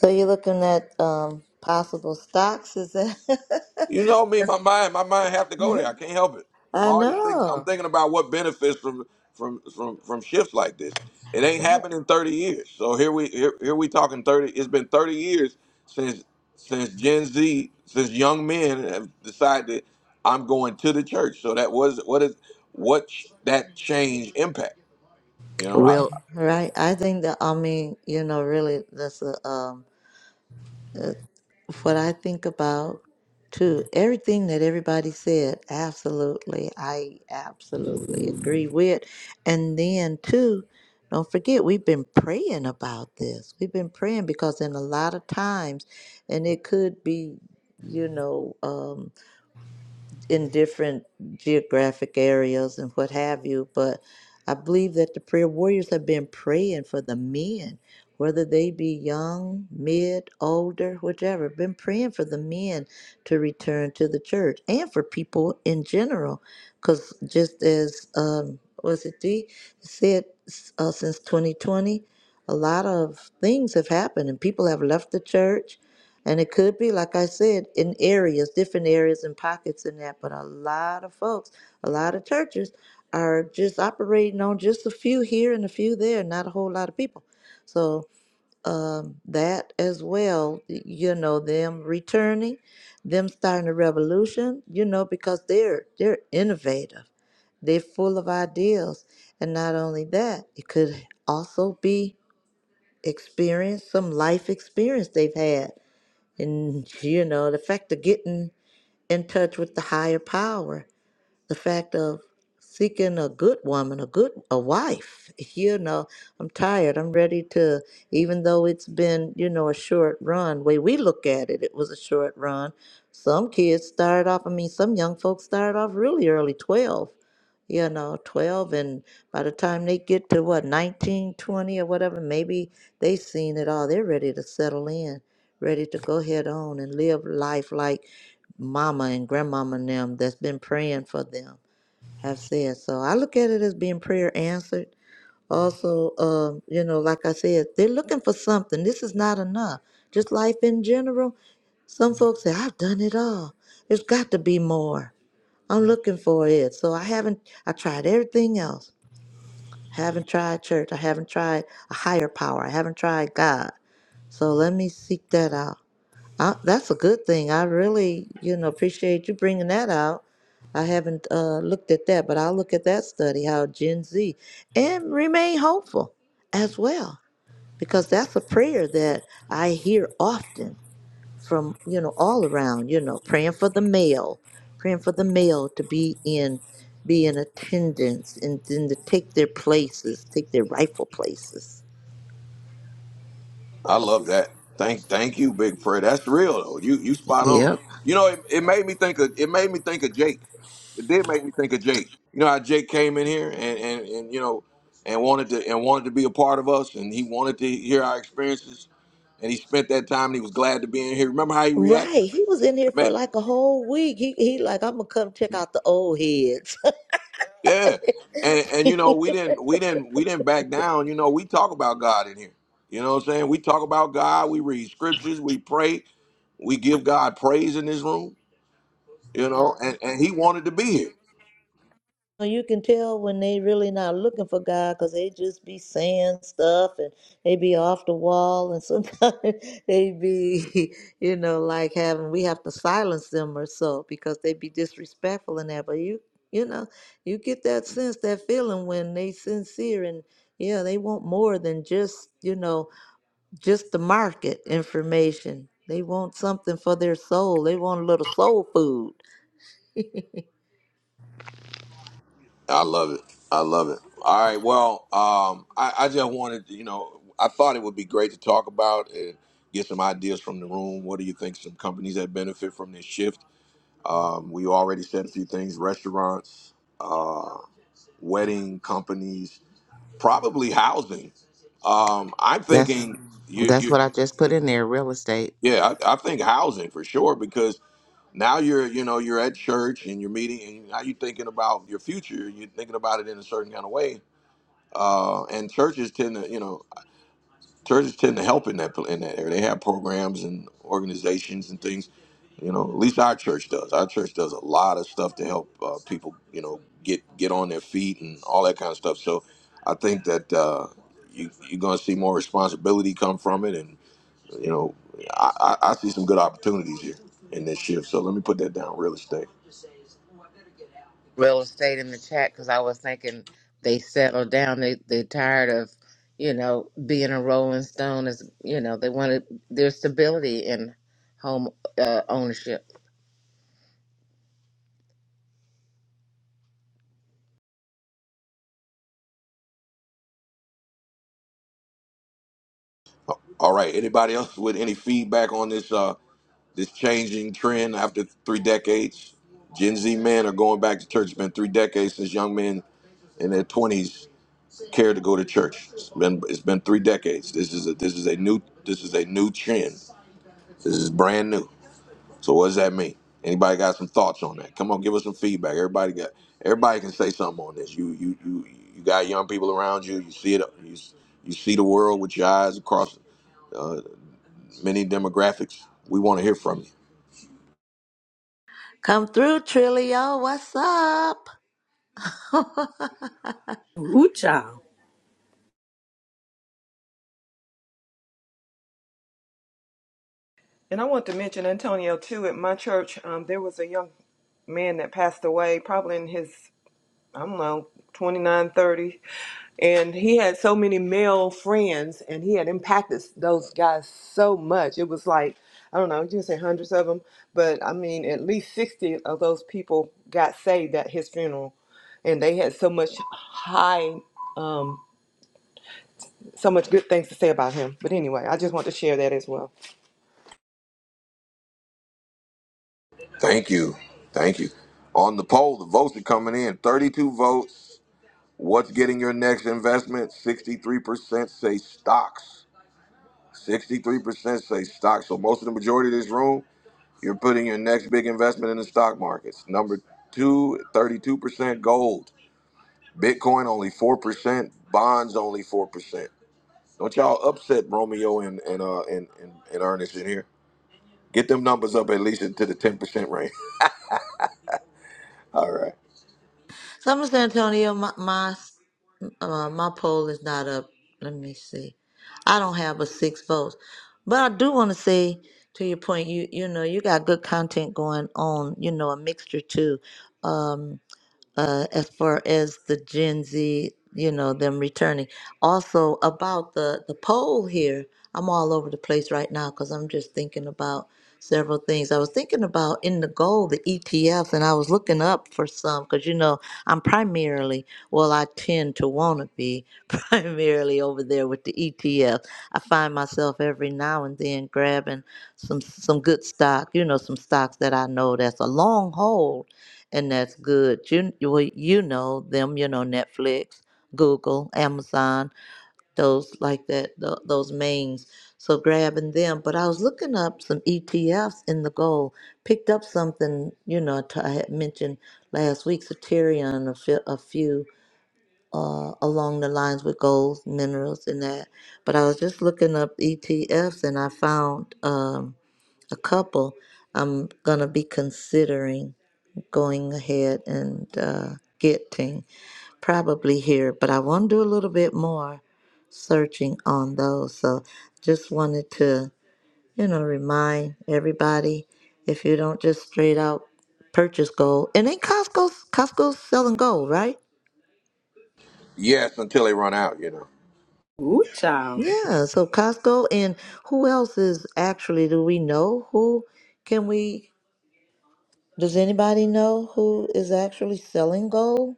D: So you're looking at um, possible stocks? Is that?
A: You know me,
D: That's-
A: my mind, my mind have to go there. I can't help it. I'm
D: I
A: always thinking. I'm
D: know,
A: thinking about what benefits from from from from shifts like this. It ain't happened in 30 years. So here we here, here we talking 30. It's been 30 years since since Gen Z, since young men have decided I'm going to the church. So that was what is what ch- that change impact. You know, I,
C: Real
D: right? I think that I mean, you know, really, that's a um, what I think about too. Everything that everybody said, absolutely. I absolutely agree with. And then too, don't forget we've been praying about this. We've been praying because in a lot of times and it could be, you know, um, in different geographic areas and what have you. But I believe that the prayer warriors have been praying for the men, whether they be young, mid, older, whichever, been praying for the men to return to the church and for people in general. Because just as, um, was it D said, uh, since 2020, a lot of things have happened and people have left the church and it could be, like I said, in areas, different areas and pockets in that, but a lot of folks, a lot of churches are just operating on just a few here and a few there, not a whole lot of people. So um, that as well, you know, them returning, them starting a revolution, you know, because they're they're innovative, they're full of ideas, and not only that, it could also be experience, some life experience they've had and, you know, the fact of getting in touch with the higher power, the fact of seeking a good woman, a good a wife. You know, I'm tired. I'm ready to even though it's been, you know, a short run, way we look at it, it was a short run. Some kids started off, I mean, some young folks started off really early, 12 you know 12 and by the time they get to what 19, 20, or whatever maybe they seen it all they're ready to settle in ready to go head on and live life like mama and grandmama and them that's been praying for them have said so i look at it as being prayer answered also um, you know like i said they're looking for something this is not enough just life in general some folks say i've done it all there's got to be more I'm looking for it. So I haven't, I tried everything else. haven't tried church. I haven't tried a higher power. I haven't tried God. So let me seek that out. I, that's a good thing. I really, you know, appreciate you bringing that out. I haven't uh, looked at that, but I'll look at that study, how Gen Z, and remain hopeful as well, because that's a prayer that I hear often from you know all around you know praying for the mail praying for the mail to be in be in attendance and then to take their places take their rightful places
A: I love that. Thank thank you, Big Fred. That's real though. You you spot on.
C: yep.
A: You know, it, it made me think of it made me think of Jake. It did make me think of Jake. You know how Jake came in here and, and, and you know and wanted to and wanted to be a part of us and he wanted to hear our experiences and he spent that time and he was glad to be in here. Remember how he reacted?
D: right he was in here
A: It ma-
D: for like a whole week he, he like i'm gonna come check out the old heads
A: yeah. And and you know, we didn't we didn't we didn't back down. You know, we talk about God in here. You know what I'm saying? We talk about God, we read scriptures, we pray, we give God praise in this room you know, and, and he wanted to be here.
D: Well, You can tell when they really not looking for God because they just be saying stuff and they be off the wall and sometimes they be, you know, like having we have to silence them or so because they be disrespectful and that. But you, you know, you get that sense, that feeling when they sincere and yeah, they want more than just, you know, just the market information. They want something for their soul. They want a little soul food.
A: I love it. I love it. All right. Well, um, I, I just wanted, to, you know, I thought it would be great to talk about and get some ideas from the room. What do you think some companies that benefit from this shift? Um, we already said a few things restaurants, uh, wedding companies, probably housing. Um, I'm
C: That's
A: thinking, you,
C: that's
A: you,
C: what I just put in there, real estate.
A: yeah, I, I think housing for sure because now you're you know you're at church and you're meeting and now you're thinking about your future you're thinking about it in a certain kind of way uh, and churches tend to you know churches tend to help in that in that area. They have programs and organizations and things. You know, at least our church does. Our church does a lot of stuff to help uh, people. You know, get get on their feet and all that kind of stuff. So, I think that uh, you you're going to see more responsibility come from it, and you know, I, I, I see some good opportunities here in this shift. So let me put that down. Real estate.
C: Real estate in the chat because I was thinking they settled down. They they're tired of, you know, being a rolling stone is you know, they wanted their stability in home uh, ownership.
A: All right. Anybody else with any feedback on this? Uh, this changing trend after three decades. Gen Z men are going back to church. It's been three decades since young men in their twenties care to go to church. It's been it's been three decades. This is a this is a new this is a new trend. This is brand new. So what does that mean? Anybody got some thoughts on that? Come on, give us some feedback. Everybody got everybody can say something on this. You you you you got young people around you. You see it. You you see the world with your eyes across uh, many demographics. We want to hear from you.
D: Come through, Trilio. What's up?
B: Woo child.
K: And I want to mention Antonio too. At my church, um, there was a young man that passed away, probably in his I don't know 29, 30, and he had so many male friends, and he had impacted those guys so much. It was like I don't know, you can say hundreds of them, but I mean, at least sixty of those people got saved at his funeral, and they had so much high, um, so much good things to say about him. But anyway, I just want to share that as well.
A: Thank you. Thank you. On the poll, the votes are coming in 32 votes. What's getting your next investment? 63% say stocks. 63% say stocks. So, most of the majority of this room, you're putting your next big investment in the stock markets. Number two, thirty-two percent gold. Bitcoin only 4%. Bonds only 4%. Don't y'all upset Romeo and, and, uh, and, and, and Ernest in here. Get them numbers up at least into the 10% range. All right.
D: Summer San Antonio, my my, uh, my poll is not up. Let me see. I don't have a six votes, but I do want to say to your point, you you know you got good content going on. You know a mixture too. Um, uh, as far as the Gen Z, you know, them returning. Also about the the poll here, I'm all over the place right now because I'm just thinking about several things. I was thinking about in the gold, the ETF, and I was looking up for some because you know I'm primarily, well, I tend to want to be primarily over there with the ETF. I find myself every now and then grabbing some some good stock, you know, some stocks that I know that's a long hold and that's good. You you- well, you know them, you know Netflix, Google, Amazon, those like that, tho- those mains. So grabbing them. But I was looking up some ETFs in the gold. Picked up something, you know, t- I had mentioned last week, Soterion, a few, a few uh, along the lines with gold, minerals, and that. But I was just looking up ETFs, and I found um, a couple I'm gonna be considering going ahead and uh, getting probably here, but I want to do a little bit more searching on those. So just wanted to, you know, remind everybody if you don't just straight out purchase gold, and then Costco's Costco's selling gold, right?
A: Yes, until they run out, you know.
B: Woo child.
D: Yeah, so Costco and who else is actually, do we know who can we, does anybody know who is actually selling gold?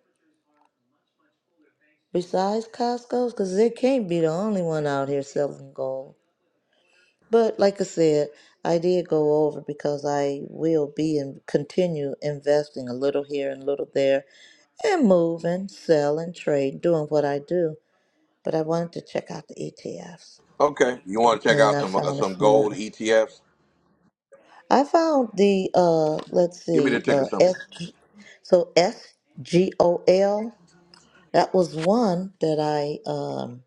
D: besides Costco's, because it can't be the only one out here selling gold. But like I said, I did go over because I will be and continue investing a little here and a little there and moving, selling, trading, doing what I do. But I wanted to check out the ETFs
A: Okay. You want to check
D: and
A: out
D: I
A: some uh,
D: found a
A: some
D: few of
A: gold
D: them.
A: ETFs?
D: I found the, uh, let's
A: Give me
D: see,
A: the ticker
D: uh,
A: symbol.
D: SG, so SGOL. That was one that I, um,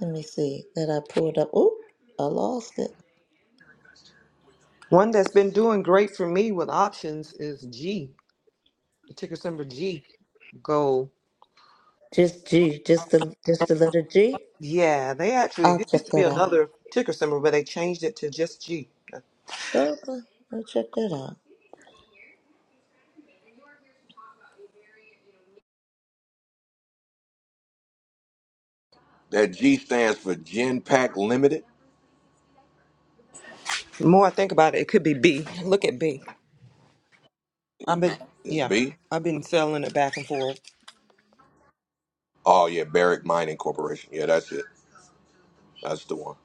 D: Let me see that I pulled up. Oh, I lost it.
K: One that's been doing great for me with options is G, the ticker symbol G, Gold.
D: Just G, just the just the letter G.
K: Yeah, they actually,
D: I'll
K: it used
D: check
K: to be
D: that out.
K: another ticker symbol, but they changed it to just G.
D: Okay, I'll check that out.
A: That G stands for Genpack Limited.
K: The more I think about it, it could be B. Look at B. I've been,
A: Is
K: yeah,
A: B?
K: I've been selling it back and forth.
A: Oh yeah, Barrick Mining Corporation. Yeah, that's it. That's the one.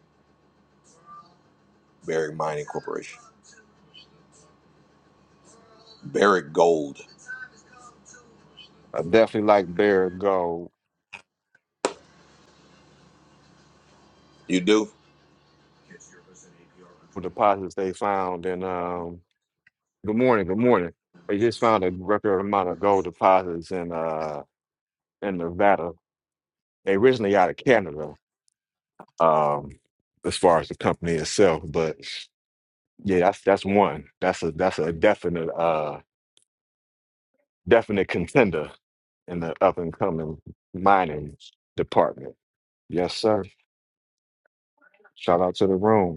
A: Barrick Mining Corporation. Barrick Gold.
M: I definitely like Bear Gold
A: You do?
M: with the deposits they found. And um, good morning, good morning. They just found a record amount of gold deposits in uh in Nevada. They originally out of Canada, um, as far as the company itself. But yeah, that's that's one. That's a that's a definite uh definite contender in the up and coming mining department. Yes, sir. Shout out to the room.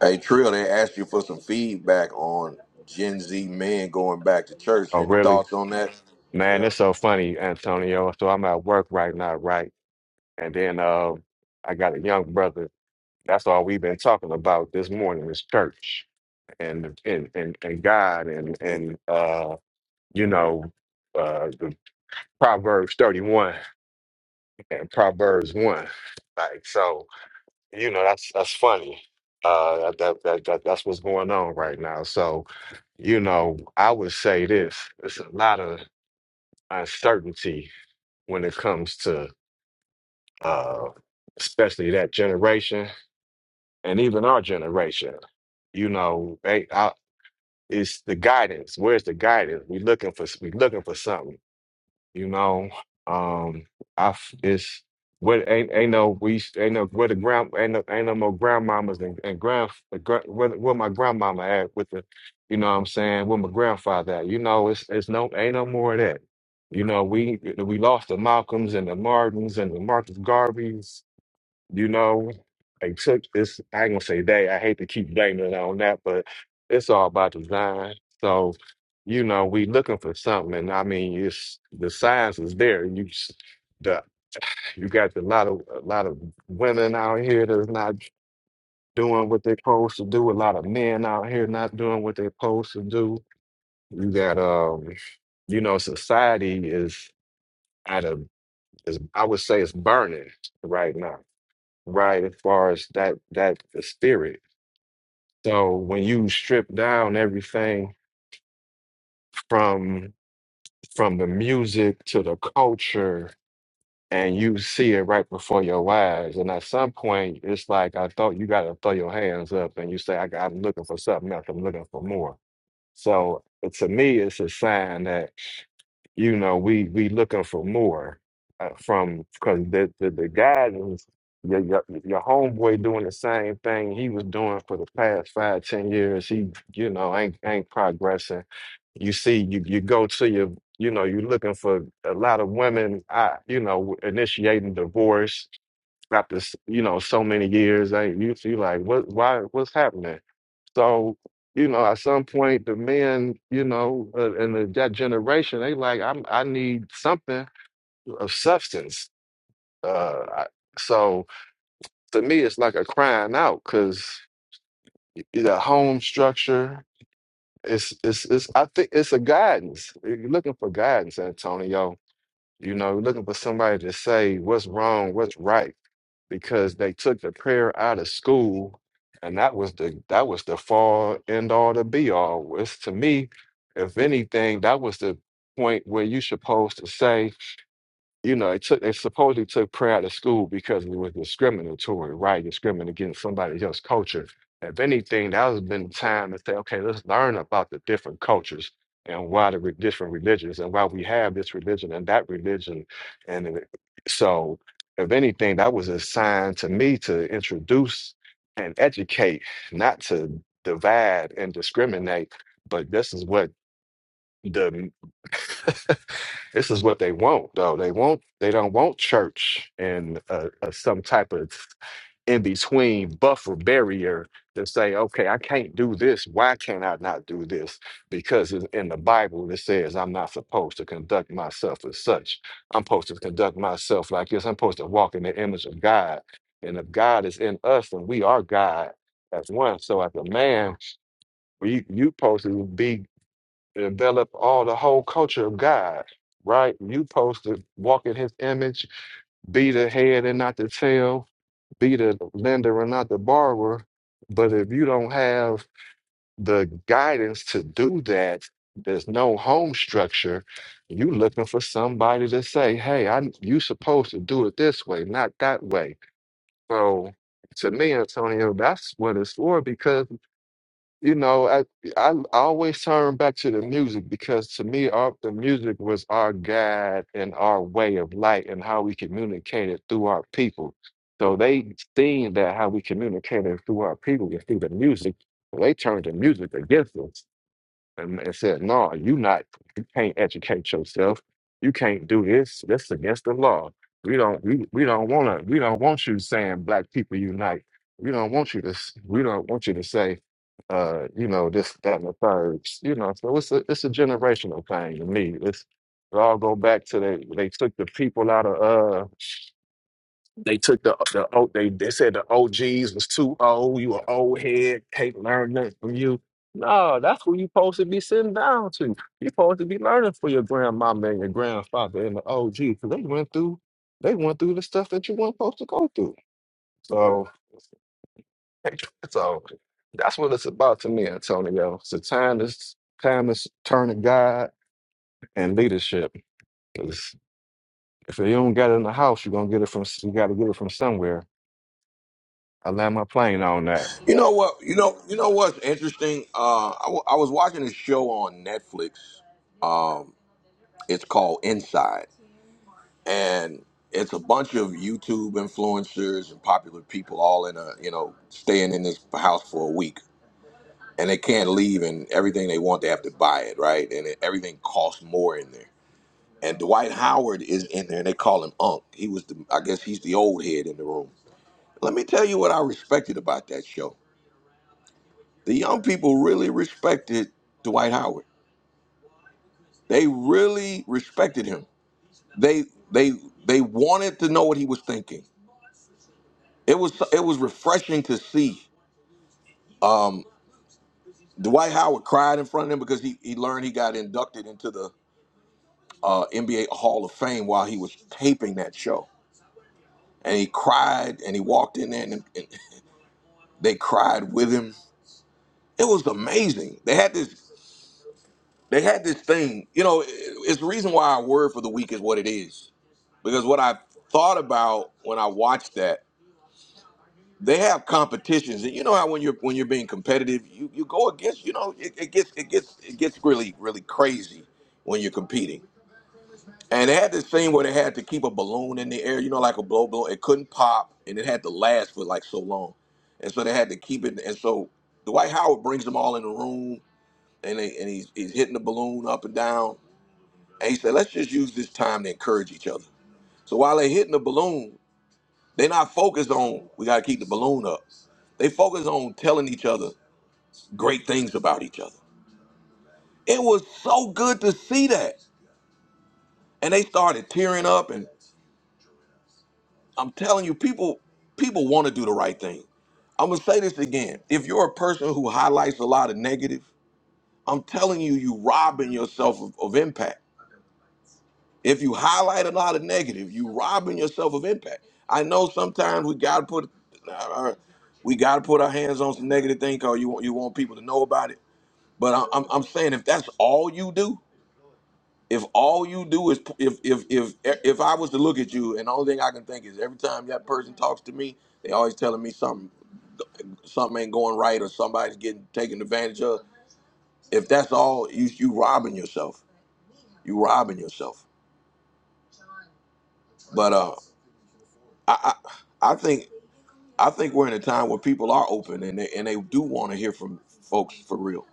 A: Hey Trill, they asked you for some feedback on Gen Z men going back to church.
M: Oh,
A: Any
M: really?
A: thoughts on that?
M: Man,
A: Yeah.
M: it's so funny, Antonio. So I'm at work right now, right? And then uh, I got a young brother. That's all we've been talking about this morning is church and and and, and God and and uh, you know uh, the Proverbs thirty one and Proverbs one. Like so, you know that's that's funny. Uh, that, that that that- that's what's going on right now. So you know, I would say this: there's a lot of uncertainty when it comes to uh, especially that generation and even our generation, you know, they I, it's the guidance. Where's the guidance? We looking for we looking for something, you know. Um, I f- it's what ain't ain't no we ain't no where the grand ain't no, ain't no more grandmamas and, and grand gra- where, where my grandmama at with the you know what I'm saying where my grandfather at you know it's it's no ain't no more of that. You know, we we lost the Malcolms and the Martins and the Marcus Garveys you know, they took this. I ain't gonna say they. I hate to keep blaming it on that, but it's all by design. So, you know, we looking for something, and I mean, it's the science is there. You s- the you got a lot of a lot of women out here that's not doing what they're supposed to do. A lot of men out here not doing what they're supposed to do. You got um, you know, society is at a is I would say it's burning right now, right? As far as that that the spirit. So when you strip down everything from from the music to the culture and you see it right before your eyes, and at some point it's like I thought you gotta throw your hands up and you say, I I'm looking for something else, I'm looking for more. So uh, to me, it's a sign that you know we we looking for more uh, from because the, the the guidance your, your your homeboy doing the same thing he was doing for the past five ten years. He you know ain't ain't progressing you see you you go to your you know you're looking for a lot of women I you know initiating divorce after s- you know so many years I you see like what why what's happening so you know at some point the men you know uh, in the, that generation they like I'm I need something of substance uh I, so to me it's like a crying out because the home structure it's it's it's I think it's a guidance you're looking for guidance Antonio You know, looking for somebody to say what's wrong, what's right, because they took the prayer out of school, and that was the that was the fall end all to be all. Was to me, if anything, that was the point where you supposed to say you know, it took they supposedly took prayer out of school because it was discriminatory, right? Discriminating against somebody else's culture. If anything, that has been time to say, okay, let's learn about the different cultures and why the re- different religions and why we have this religion and that religion. And it- so, if anything, that was a sign to me to introduce and educate, not to divide and discriminate. But this is what the this is what they want though they want they don't want church and uh, uh, some type of in between buffer barrier to say okay i can't do this why can't i not do this because in in the bible it says i'm not supposed to conduct myself as such i'm supposed to conduct myself like this i'm supposed to walk in the image of god and if god is in us then we are god as one so as a man we you supposed to be develop all the whole culture of God, right? You supposed to walk in his image, be the head and not the tail, be the lender and not the borrower. But if you don't have the guidance to do that, there's no home structure. You looking for somebody to say, "Hey, I you supposed to do it this way, not that way." So, to me, Antonio, that's what it's for. Because you know, I, I I always turn back to the music because to me, our, the music was our guide and our way of life and how we communicated through our people. So they seen that how we communicated through our people and through the music. So They turned the music against us and, and said, "No, you not. You can't educate yourself. You can't do this. That's against the law. We don't. We, we don't want to. We don't want you saying black people unite. We don't want you to. s- We don't want you to say, uh, you know, this, that, and the third. You know, so it's a it's a generational thing to me. It's it all go back to they they took the people out of they took the the oh they they said the OGs was too old. You an old head, can't learn nothing from you. No, that's who you supposed to be sitting down to. You supposed to be learning for your grandmama and your grandfather and the OG because they went through they went through the stuff that you weren't supposed to go through. So so that's what it's about to me, Antonio. It's the time is time is turning God and leadership. 'Cause if you don't get it in the house, you're gonna get it from you gotta get it from somewhere. I land my plane on that.
A: You know what? You know. You know what's interesting? Uh, I, w- I was watching a show on Netflix. Um, it's called Inside. and it's a bunch of YouTube influencers and popular people all in a you know staying in this house for a week, and they can't leave, and everything they want they have to buy it right, and it, everything costs more in there. And Dwight Howard is in there, and they call him Unc. He was the I guess he's the old head in the room. Let me tell you what I respected about that show. The young people really respected Dwight Howard. They really respected him. They they they wanted to know what he was thinking It was it was refreshing to see. Um, Dwight Howard cried in front of him because he, he learned he got inducted into the uh, NBA Hall of Fame while he was taping that show, and he cried and he walked in there and, and they cried with him. It was amazing. They had this they had this thing. You know, it- it's the reason why our word for the week is what it is because what I thought about when I watched that they have competitions and you know how when you're when you're being competitive you, you go against you know it, it gets it gets it gets really really crazy when you're competing and they had this thing where they had to keep a balloon in the air you know like a blow balloon it couldn't pop and it had to last for like so long and so they had to keep it and so dwight howard brings them all in the room and, they, and he's, he's hitting the balloon up and down and he said let's just use this time to encourage each other so while they're hitting the balloon they're not focused on we gotta keep the balloon up. They focus on telling each other great things about each other. It was so good to see that. And they started tearing up and I'm telling you, people people want to do the right thing. I'm gonna say this again. If you're a person who highlights a lot of negative, I'm telling you, you robbing yourself of, of impact. If you highlight a lot of negative, you robbing yourself of impact. I know sometimes we gotta put uh, we gotta put our hands on some negative thing because you want you want people to know about it. But I- I'm I'm saying if that's all you do, if all you do is if if if e, if I was to look at you and the only thing I can think is every time that person talks to me, they always telling me something something ain't going right or somebody's getting taken advantage of. If that's all you you robbing yourself, you robbing yourself. But uh, I I, I think. I think we're in a time where people are open and they and they do want to hear from folks for real,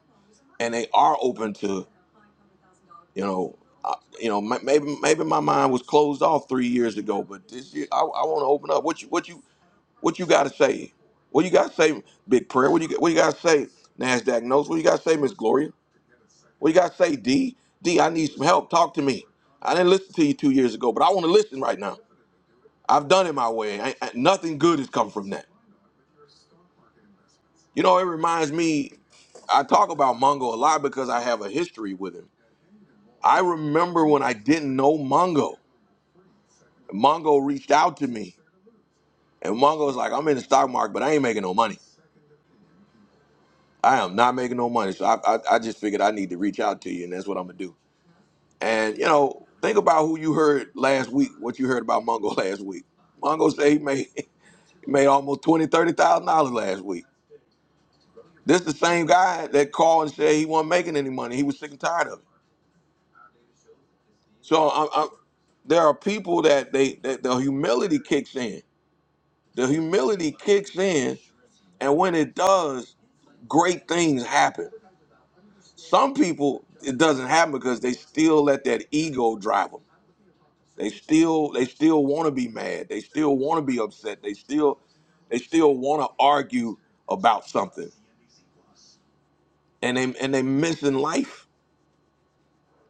A: and they are open to you know. Uh, you know, ma- maybe maybe my mind was closed off three years ago, but this year I, I want to open up. What you what you what you got to say? What you got to say, Big Prayer? What you what you got to say, Nasdaq Notes? What you got to say, Miss Gloria? What you got to say, D D? I need some help. Talk to me. I didn't listen to you two years ago, but I want to listen right now. I've done it my way. I, I, nothing good has come from that. You know, it reminds me, I talk about Mongo a lot because I have a history with him. I remember when I didn't know Mongo. Mongo reached out to me, and Mongo was like, I'm in the stock market, but I ain't making no money. I am not making no money. So I, I, I just figured I need to reach out to you, and that's what I'm going to do. And, you know, think about who you heard last week, what you heard about Mongo last week. Mongo said he made, he made almost twenty, thirty thousand dollars last week. This the same guy that called and said he wasn't making any money. He was sick and tired of it. So I, I, there are people that they that the humility kicks in. The humility kicks in, and when it does, great things happen. Some people it doesn't happen because they still let that ego drive them. They still they still want to be mad. They still want to be upset. They still they still want to argue about something, and they and they missing life.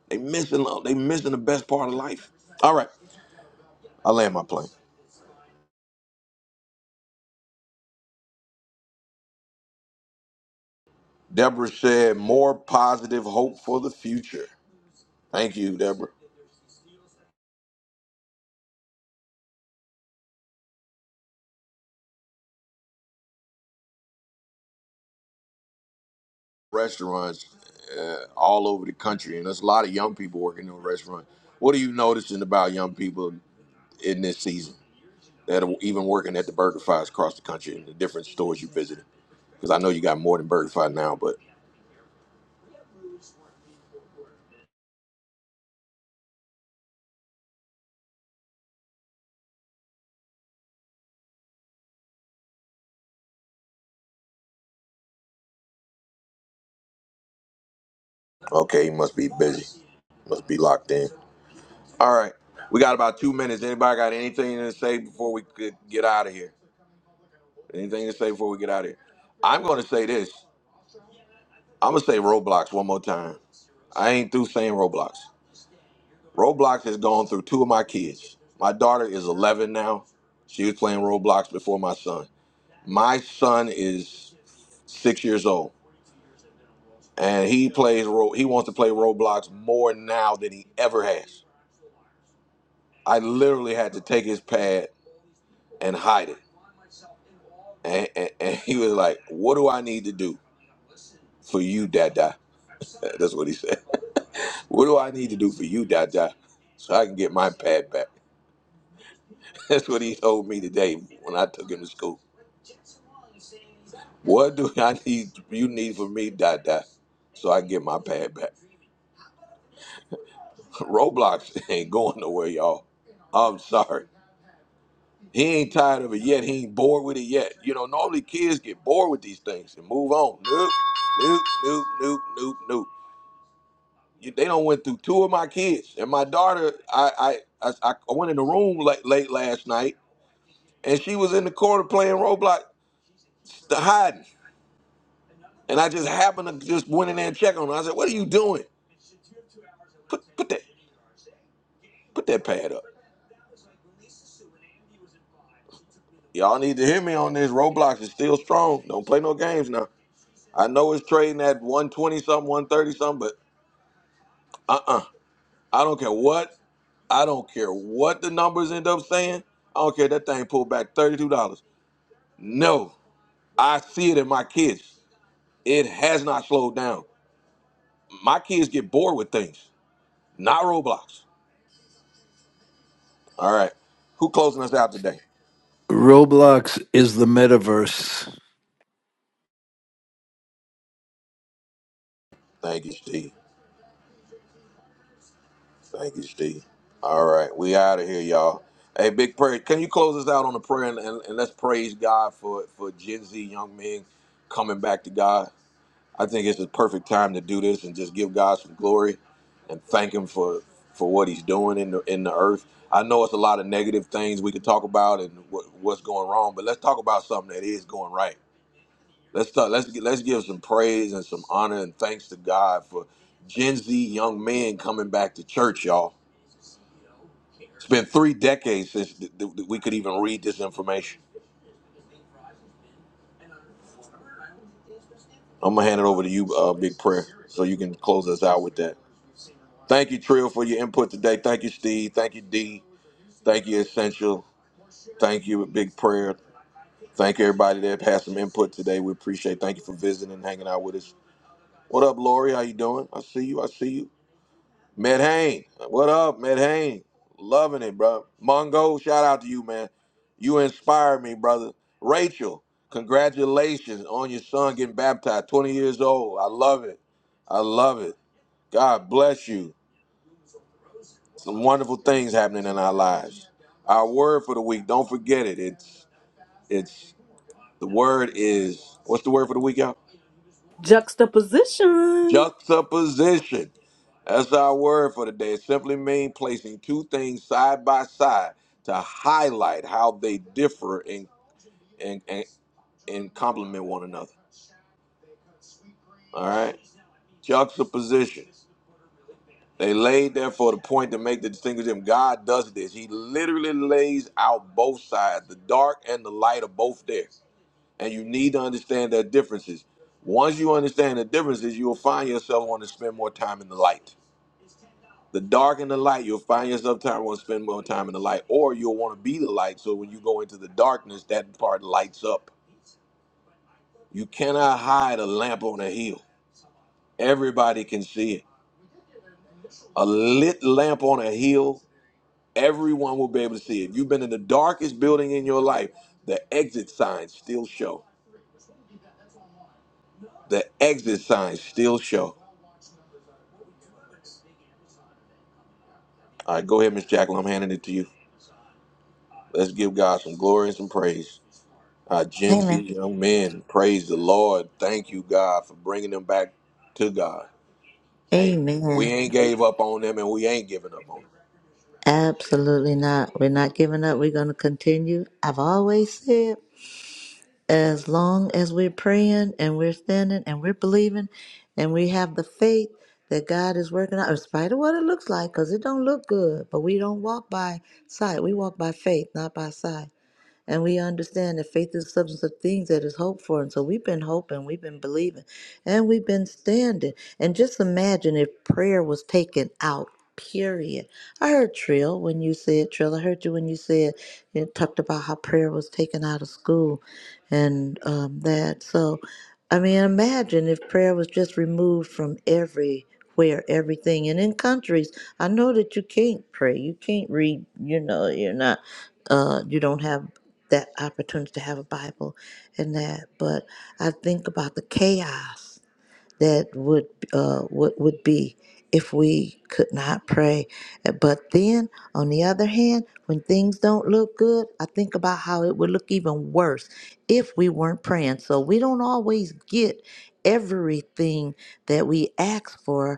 A: They missing love. They missing the best part of life. All right, I land my plane. Deborah said, more positive hope for the future. Thank you, Deborah. Restaurants uh, all over the country, and there's a lot of young people working in restaurants. What are you noticing about young people in this season that are even working at the BurgerFi's across the country and the different stores you visited? Because I know you got more than BurgerFi now, but okay, you must be busy, must be locked in. All right, we got about two minutes. Anybody got anything to say before we could get out of here? Anything to say before we get out of here? I'm going to say this. I'm gonna say Roblox one more time. I ain't through saying Roblox. Roblox has gone through two of my kids. My daughter is 11 now. She was playing Roblox before my son. My son is six years old, and he plays. Ro- He wants to play Roblox more now than he ever has. I literally had to take his pad and hide it, and, and, and he was like, "What do I need to do for you, Dada?" That's what he said. What do I need to do for you, Dada, so I can get my pad back? That's what he told me today when I took him to school. What do I need you need for me, dot dot, so I get my pad back? Roblox ain't going nowhere, y'all. I'm sorry. He ain't tired of it yet. He ain't bored with it yet. You know, normally kids get bored with these things and move on. Nope, nope, nope, nope, nope, nope. You, they don't went through two of my kids and my daughter. I I I, I went in the room late, late last night and she was in the corner playing Roblox, hiding. And I just happened to just went in there and check on her. I said, "What are you doing? Put put that put that pad up. Y'all need to hear me on this. Roblox is still strong. Don't play no games now. I know it's trading at 120 something, 130 something, but uh-uh. I don't care what I don't care what the numbers end up saying. I don't care if that thing pulled back $32. No, I see it in my kids. It has not slowed down. My kids get bored with things, not Roblox. All right. Who closing us out today?
J: Roblox is the metaverse.
A: Thank you, Steve. Thank you, Steve. All right, we out of here, y'all. Hey, big prayer. Can you close us out on a prayer and, and, and let's praise God for for Gen Z young men coming back to God. I think it's a perfect time to do this and just give God some glory and thank Him for for what He's doing in the in the earth. I know it's a lot of negative things we could talk about and what, what's going wrong, but let's talk about something that is going right. Let's talk, let's gi- let's give some praise and some honor and thanks to God for Gen Z young men coming back to church, y'all. It's been three decades since th- th- we could even read this information. I'm gonna hand it over to you, uh, Big Prayer, so you can close us out with that. Thank you, Trill, for your input today. Thank you, Steve. Thank you, D. Thank you, Essential. Thank you, Big Prayer. Thank everybody that had some input today. We appreciate. Thank you for visiting and hanging out with us. What up, Lori? How you doing? I see you. I see you. Medhane, what up, Medhane? Loving it, bro. Mongo, shout out to you, man. You inspired me, brother. Rachel, congratulations on your son getting baptized, 20 years old. I love it. I love it. God bless you. Some wonderful things happening in our lives. Our word for the week, don't forget it. It's it's the word is what's the word for the week, y'all?
B: Juxtaposition.
A: Juxtaposition. That's our word for today. It simply means placing two things side by side to highlight how they differ and and and, and complement one another. All right? Juxtaposition. They laid there for the point to make the distinguish them. God does this. He literally lays out both sides. The dark and the light are both there. And you need to understand their differences. Once you understand the differences, you will find yourself wanting to spend more time in the light. The dark and the light, you'll find yourself time want to spend more time in the light, or you'll want to be the light. So when you go into the darkness, that part lights up. You cannot hide a lamp on a hill. Everybody can see it. A lit lamp on a hill, everyone will be able to see it. If you've been in the darkest building in your life, the exit signs still show. The exit signs still show. All right, go ahead, Miss Jacqueline. I'm handing it to you. Let's give God some glory and some praise. our Gen
D: Amen.
A: Z young men. Praise the Lord. Thank you, God, for bringing them back to God. Ain't-
D: Amen.
A: We ain't gave up on them and we ain't giving up on them.
D: Absolutely not. We're not giving up. We're going to continue. I've always said, as long as we're praying and we're standing and we're believing and we have the faith that God is working out, in spite of what it looks like, because it don't look good, but we don't walk by sight. We walk by faith, not by sight. And we understand that faith is the substance of things that is hoped for. And so we've been hoping, we've been believing, and we've been standing. And just imagine if prayer was taken out, period. I heard Trill when you said, Trill, I heard you when you said, you talked about how prayer was taken out of school and um, that. So, I mean, imagine if prayer was just removed from everywhere, everything. And in countries, I know that you can't pray, you can't read, you know, you're not uh, you don't have that opportunity to have a Bible and that. But I think about the chaos that would uh, would would be if we could not pray. But then, on the other hand, when things don't look good, I think about how it would look even worse if we weren't praying. So we don't always get everything that we ask for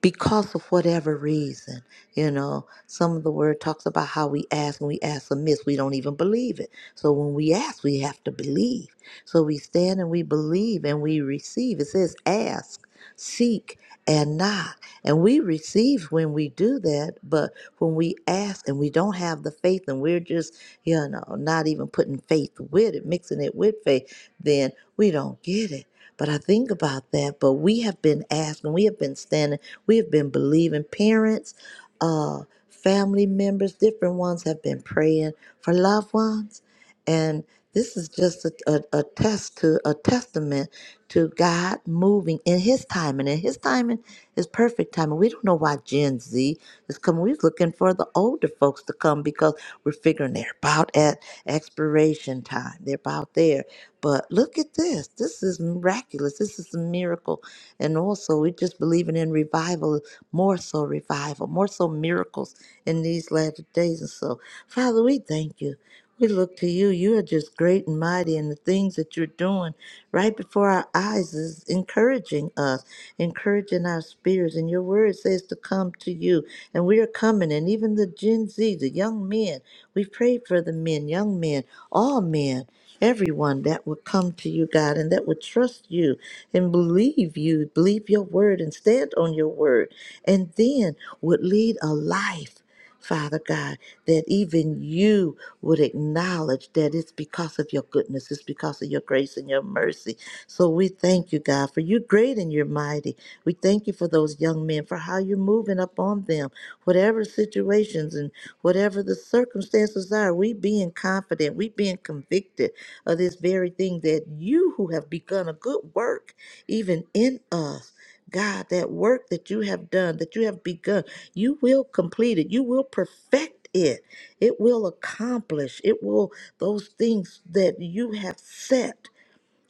D: because of whatever reason. You know, some of the word talks about how we ask and we ask amiss. We don't even believe it. So when we ask, we have to believe. So we stand and we believe and we receive. It says, ask, seek, and knock. And we receive when we do that, but when we ask and we don't have the faith and we're just, you know, not even putting faith with it, mixing it with faith, then we don't get it. But I think about that. But we have been asking, we have been standing, we have been believing. Parents, uh, family members, different ones have been praying for loved ones. And this is just a, a, a test to a testament to God moving in his timing. And his timing is perfect timing. We don't know why Gen Z is coming. We're looking for the older folks to come because we're figuring they're about at expiration time. They're about there. But look at this. This is miraculous. This is a miracle. And also, we're just believing in revival, more so revival, more so miracles in these latter days. And so, Father, we thank you. We look to you. You are just great and mighty, and the things that you're doing right before our eyes is encouraging us encouraging our spirits. And your word says to come to you. And we are coming. And even the Gen Z, the young men, we prayed for the men, young men, all men, everyone that would come to you, God, and that would trust you and believe you, believe your word and stand on your word. And then would lead a life. Father God, that even you would acknowledge that it's because of your goodness, it's because of your grace and your mercy. So we thank you, God, for you're great and you're mighty. We thank you for those young men, for how you're moving up on them, whatever situations and whatever the circumstances are. We being confident, we being convicted of this very thing that you who have begun a good work, even in us. God, that work that you have done, that you have begun, you will complete it. You will perfect it. It will accomplish. It will, those things that you have set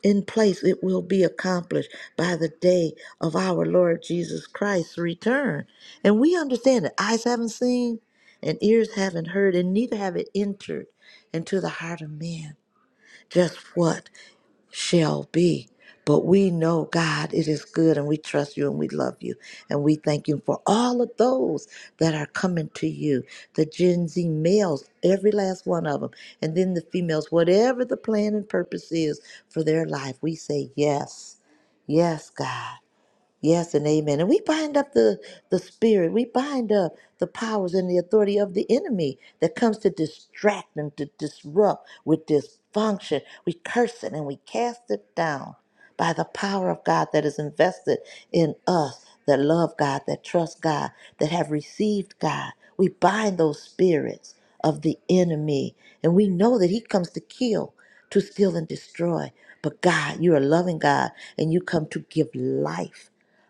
D: in place, it will be accomplished by the day of our Lord Jesus Christ's return. And we understand that eyes haven't seen, and ears haven't heard, and neither have it entered into the heart of man just what shall be. But we know, God, it is good, and we trust you and we love you. And we thank you for all of those that are coming to you the Gen Z males, every last one of them, and then the females, whatever the plan and purpose is for their life. We say, Yes, yes, God. Yes and amen. And we bind up the, the spirit. We bind up the powers and the authority of the enemy that comes to distract and to disrupt with dysfunction. We curse it and we cast it down by the power of God that is invested in us that love God, that trust God, that have received God. We bind those spirits of the enemy. And we know that he comes to kill, to steal, and destroy. But God, you're a loving God, and you come to give life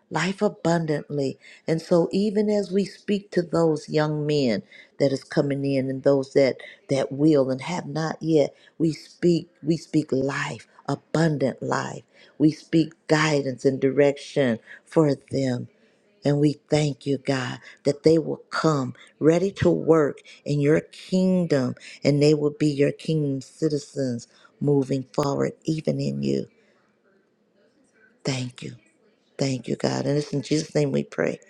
D: life abundantly. And so even as we speak to those young men that is coming in and those that that will and have not yet, we speak we speak life, abundant life. We speak guidance and direction for them. And we thank you, God, that they will come ready to work in your kingdom and they will be your kingdom citizens moving forward, even in you. Thank you. Thank you, God. And it's in Jesus' name we pray.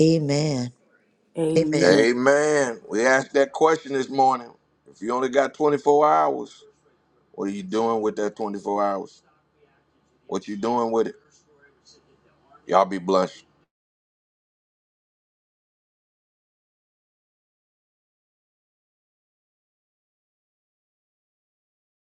D: Amen. Amen.
B: Amen.
A: Amen. We asked that question this morning. If you only got 24 hours, what are you doing with that 24 hours? What you doing with it? Y'all be blessed.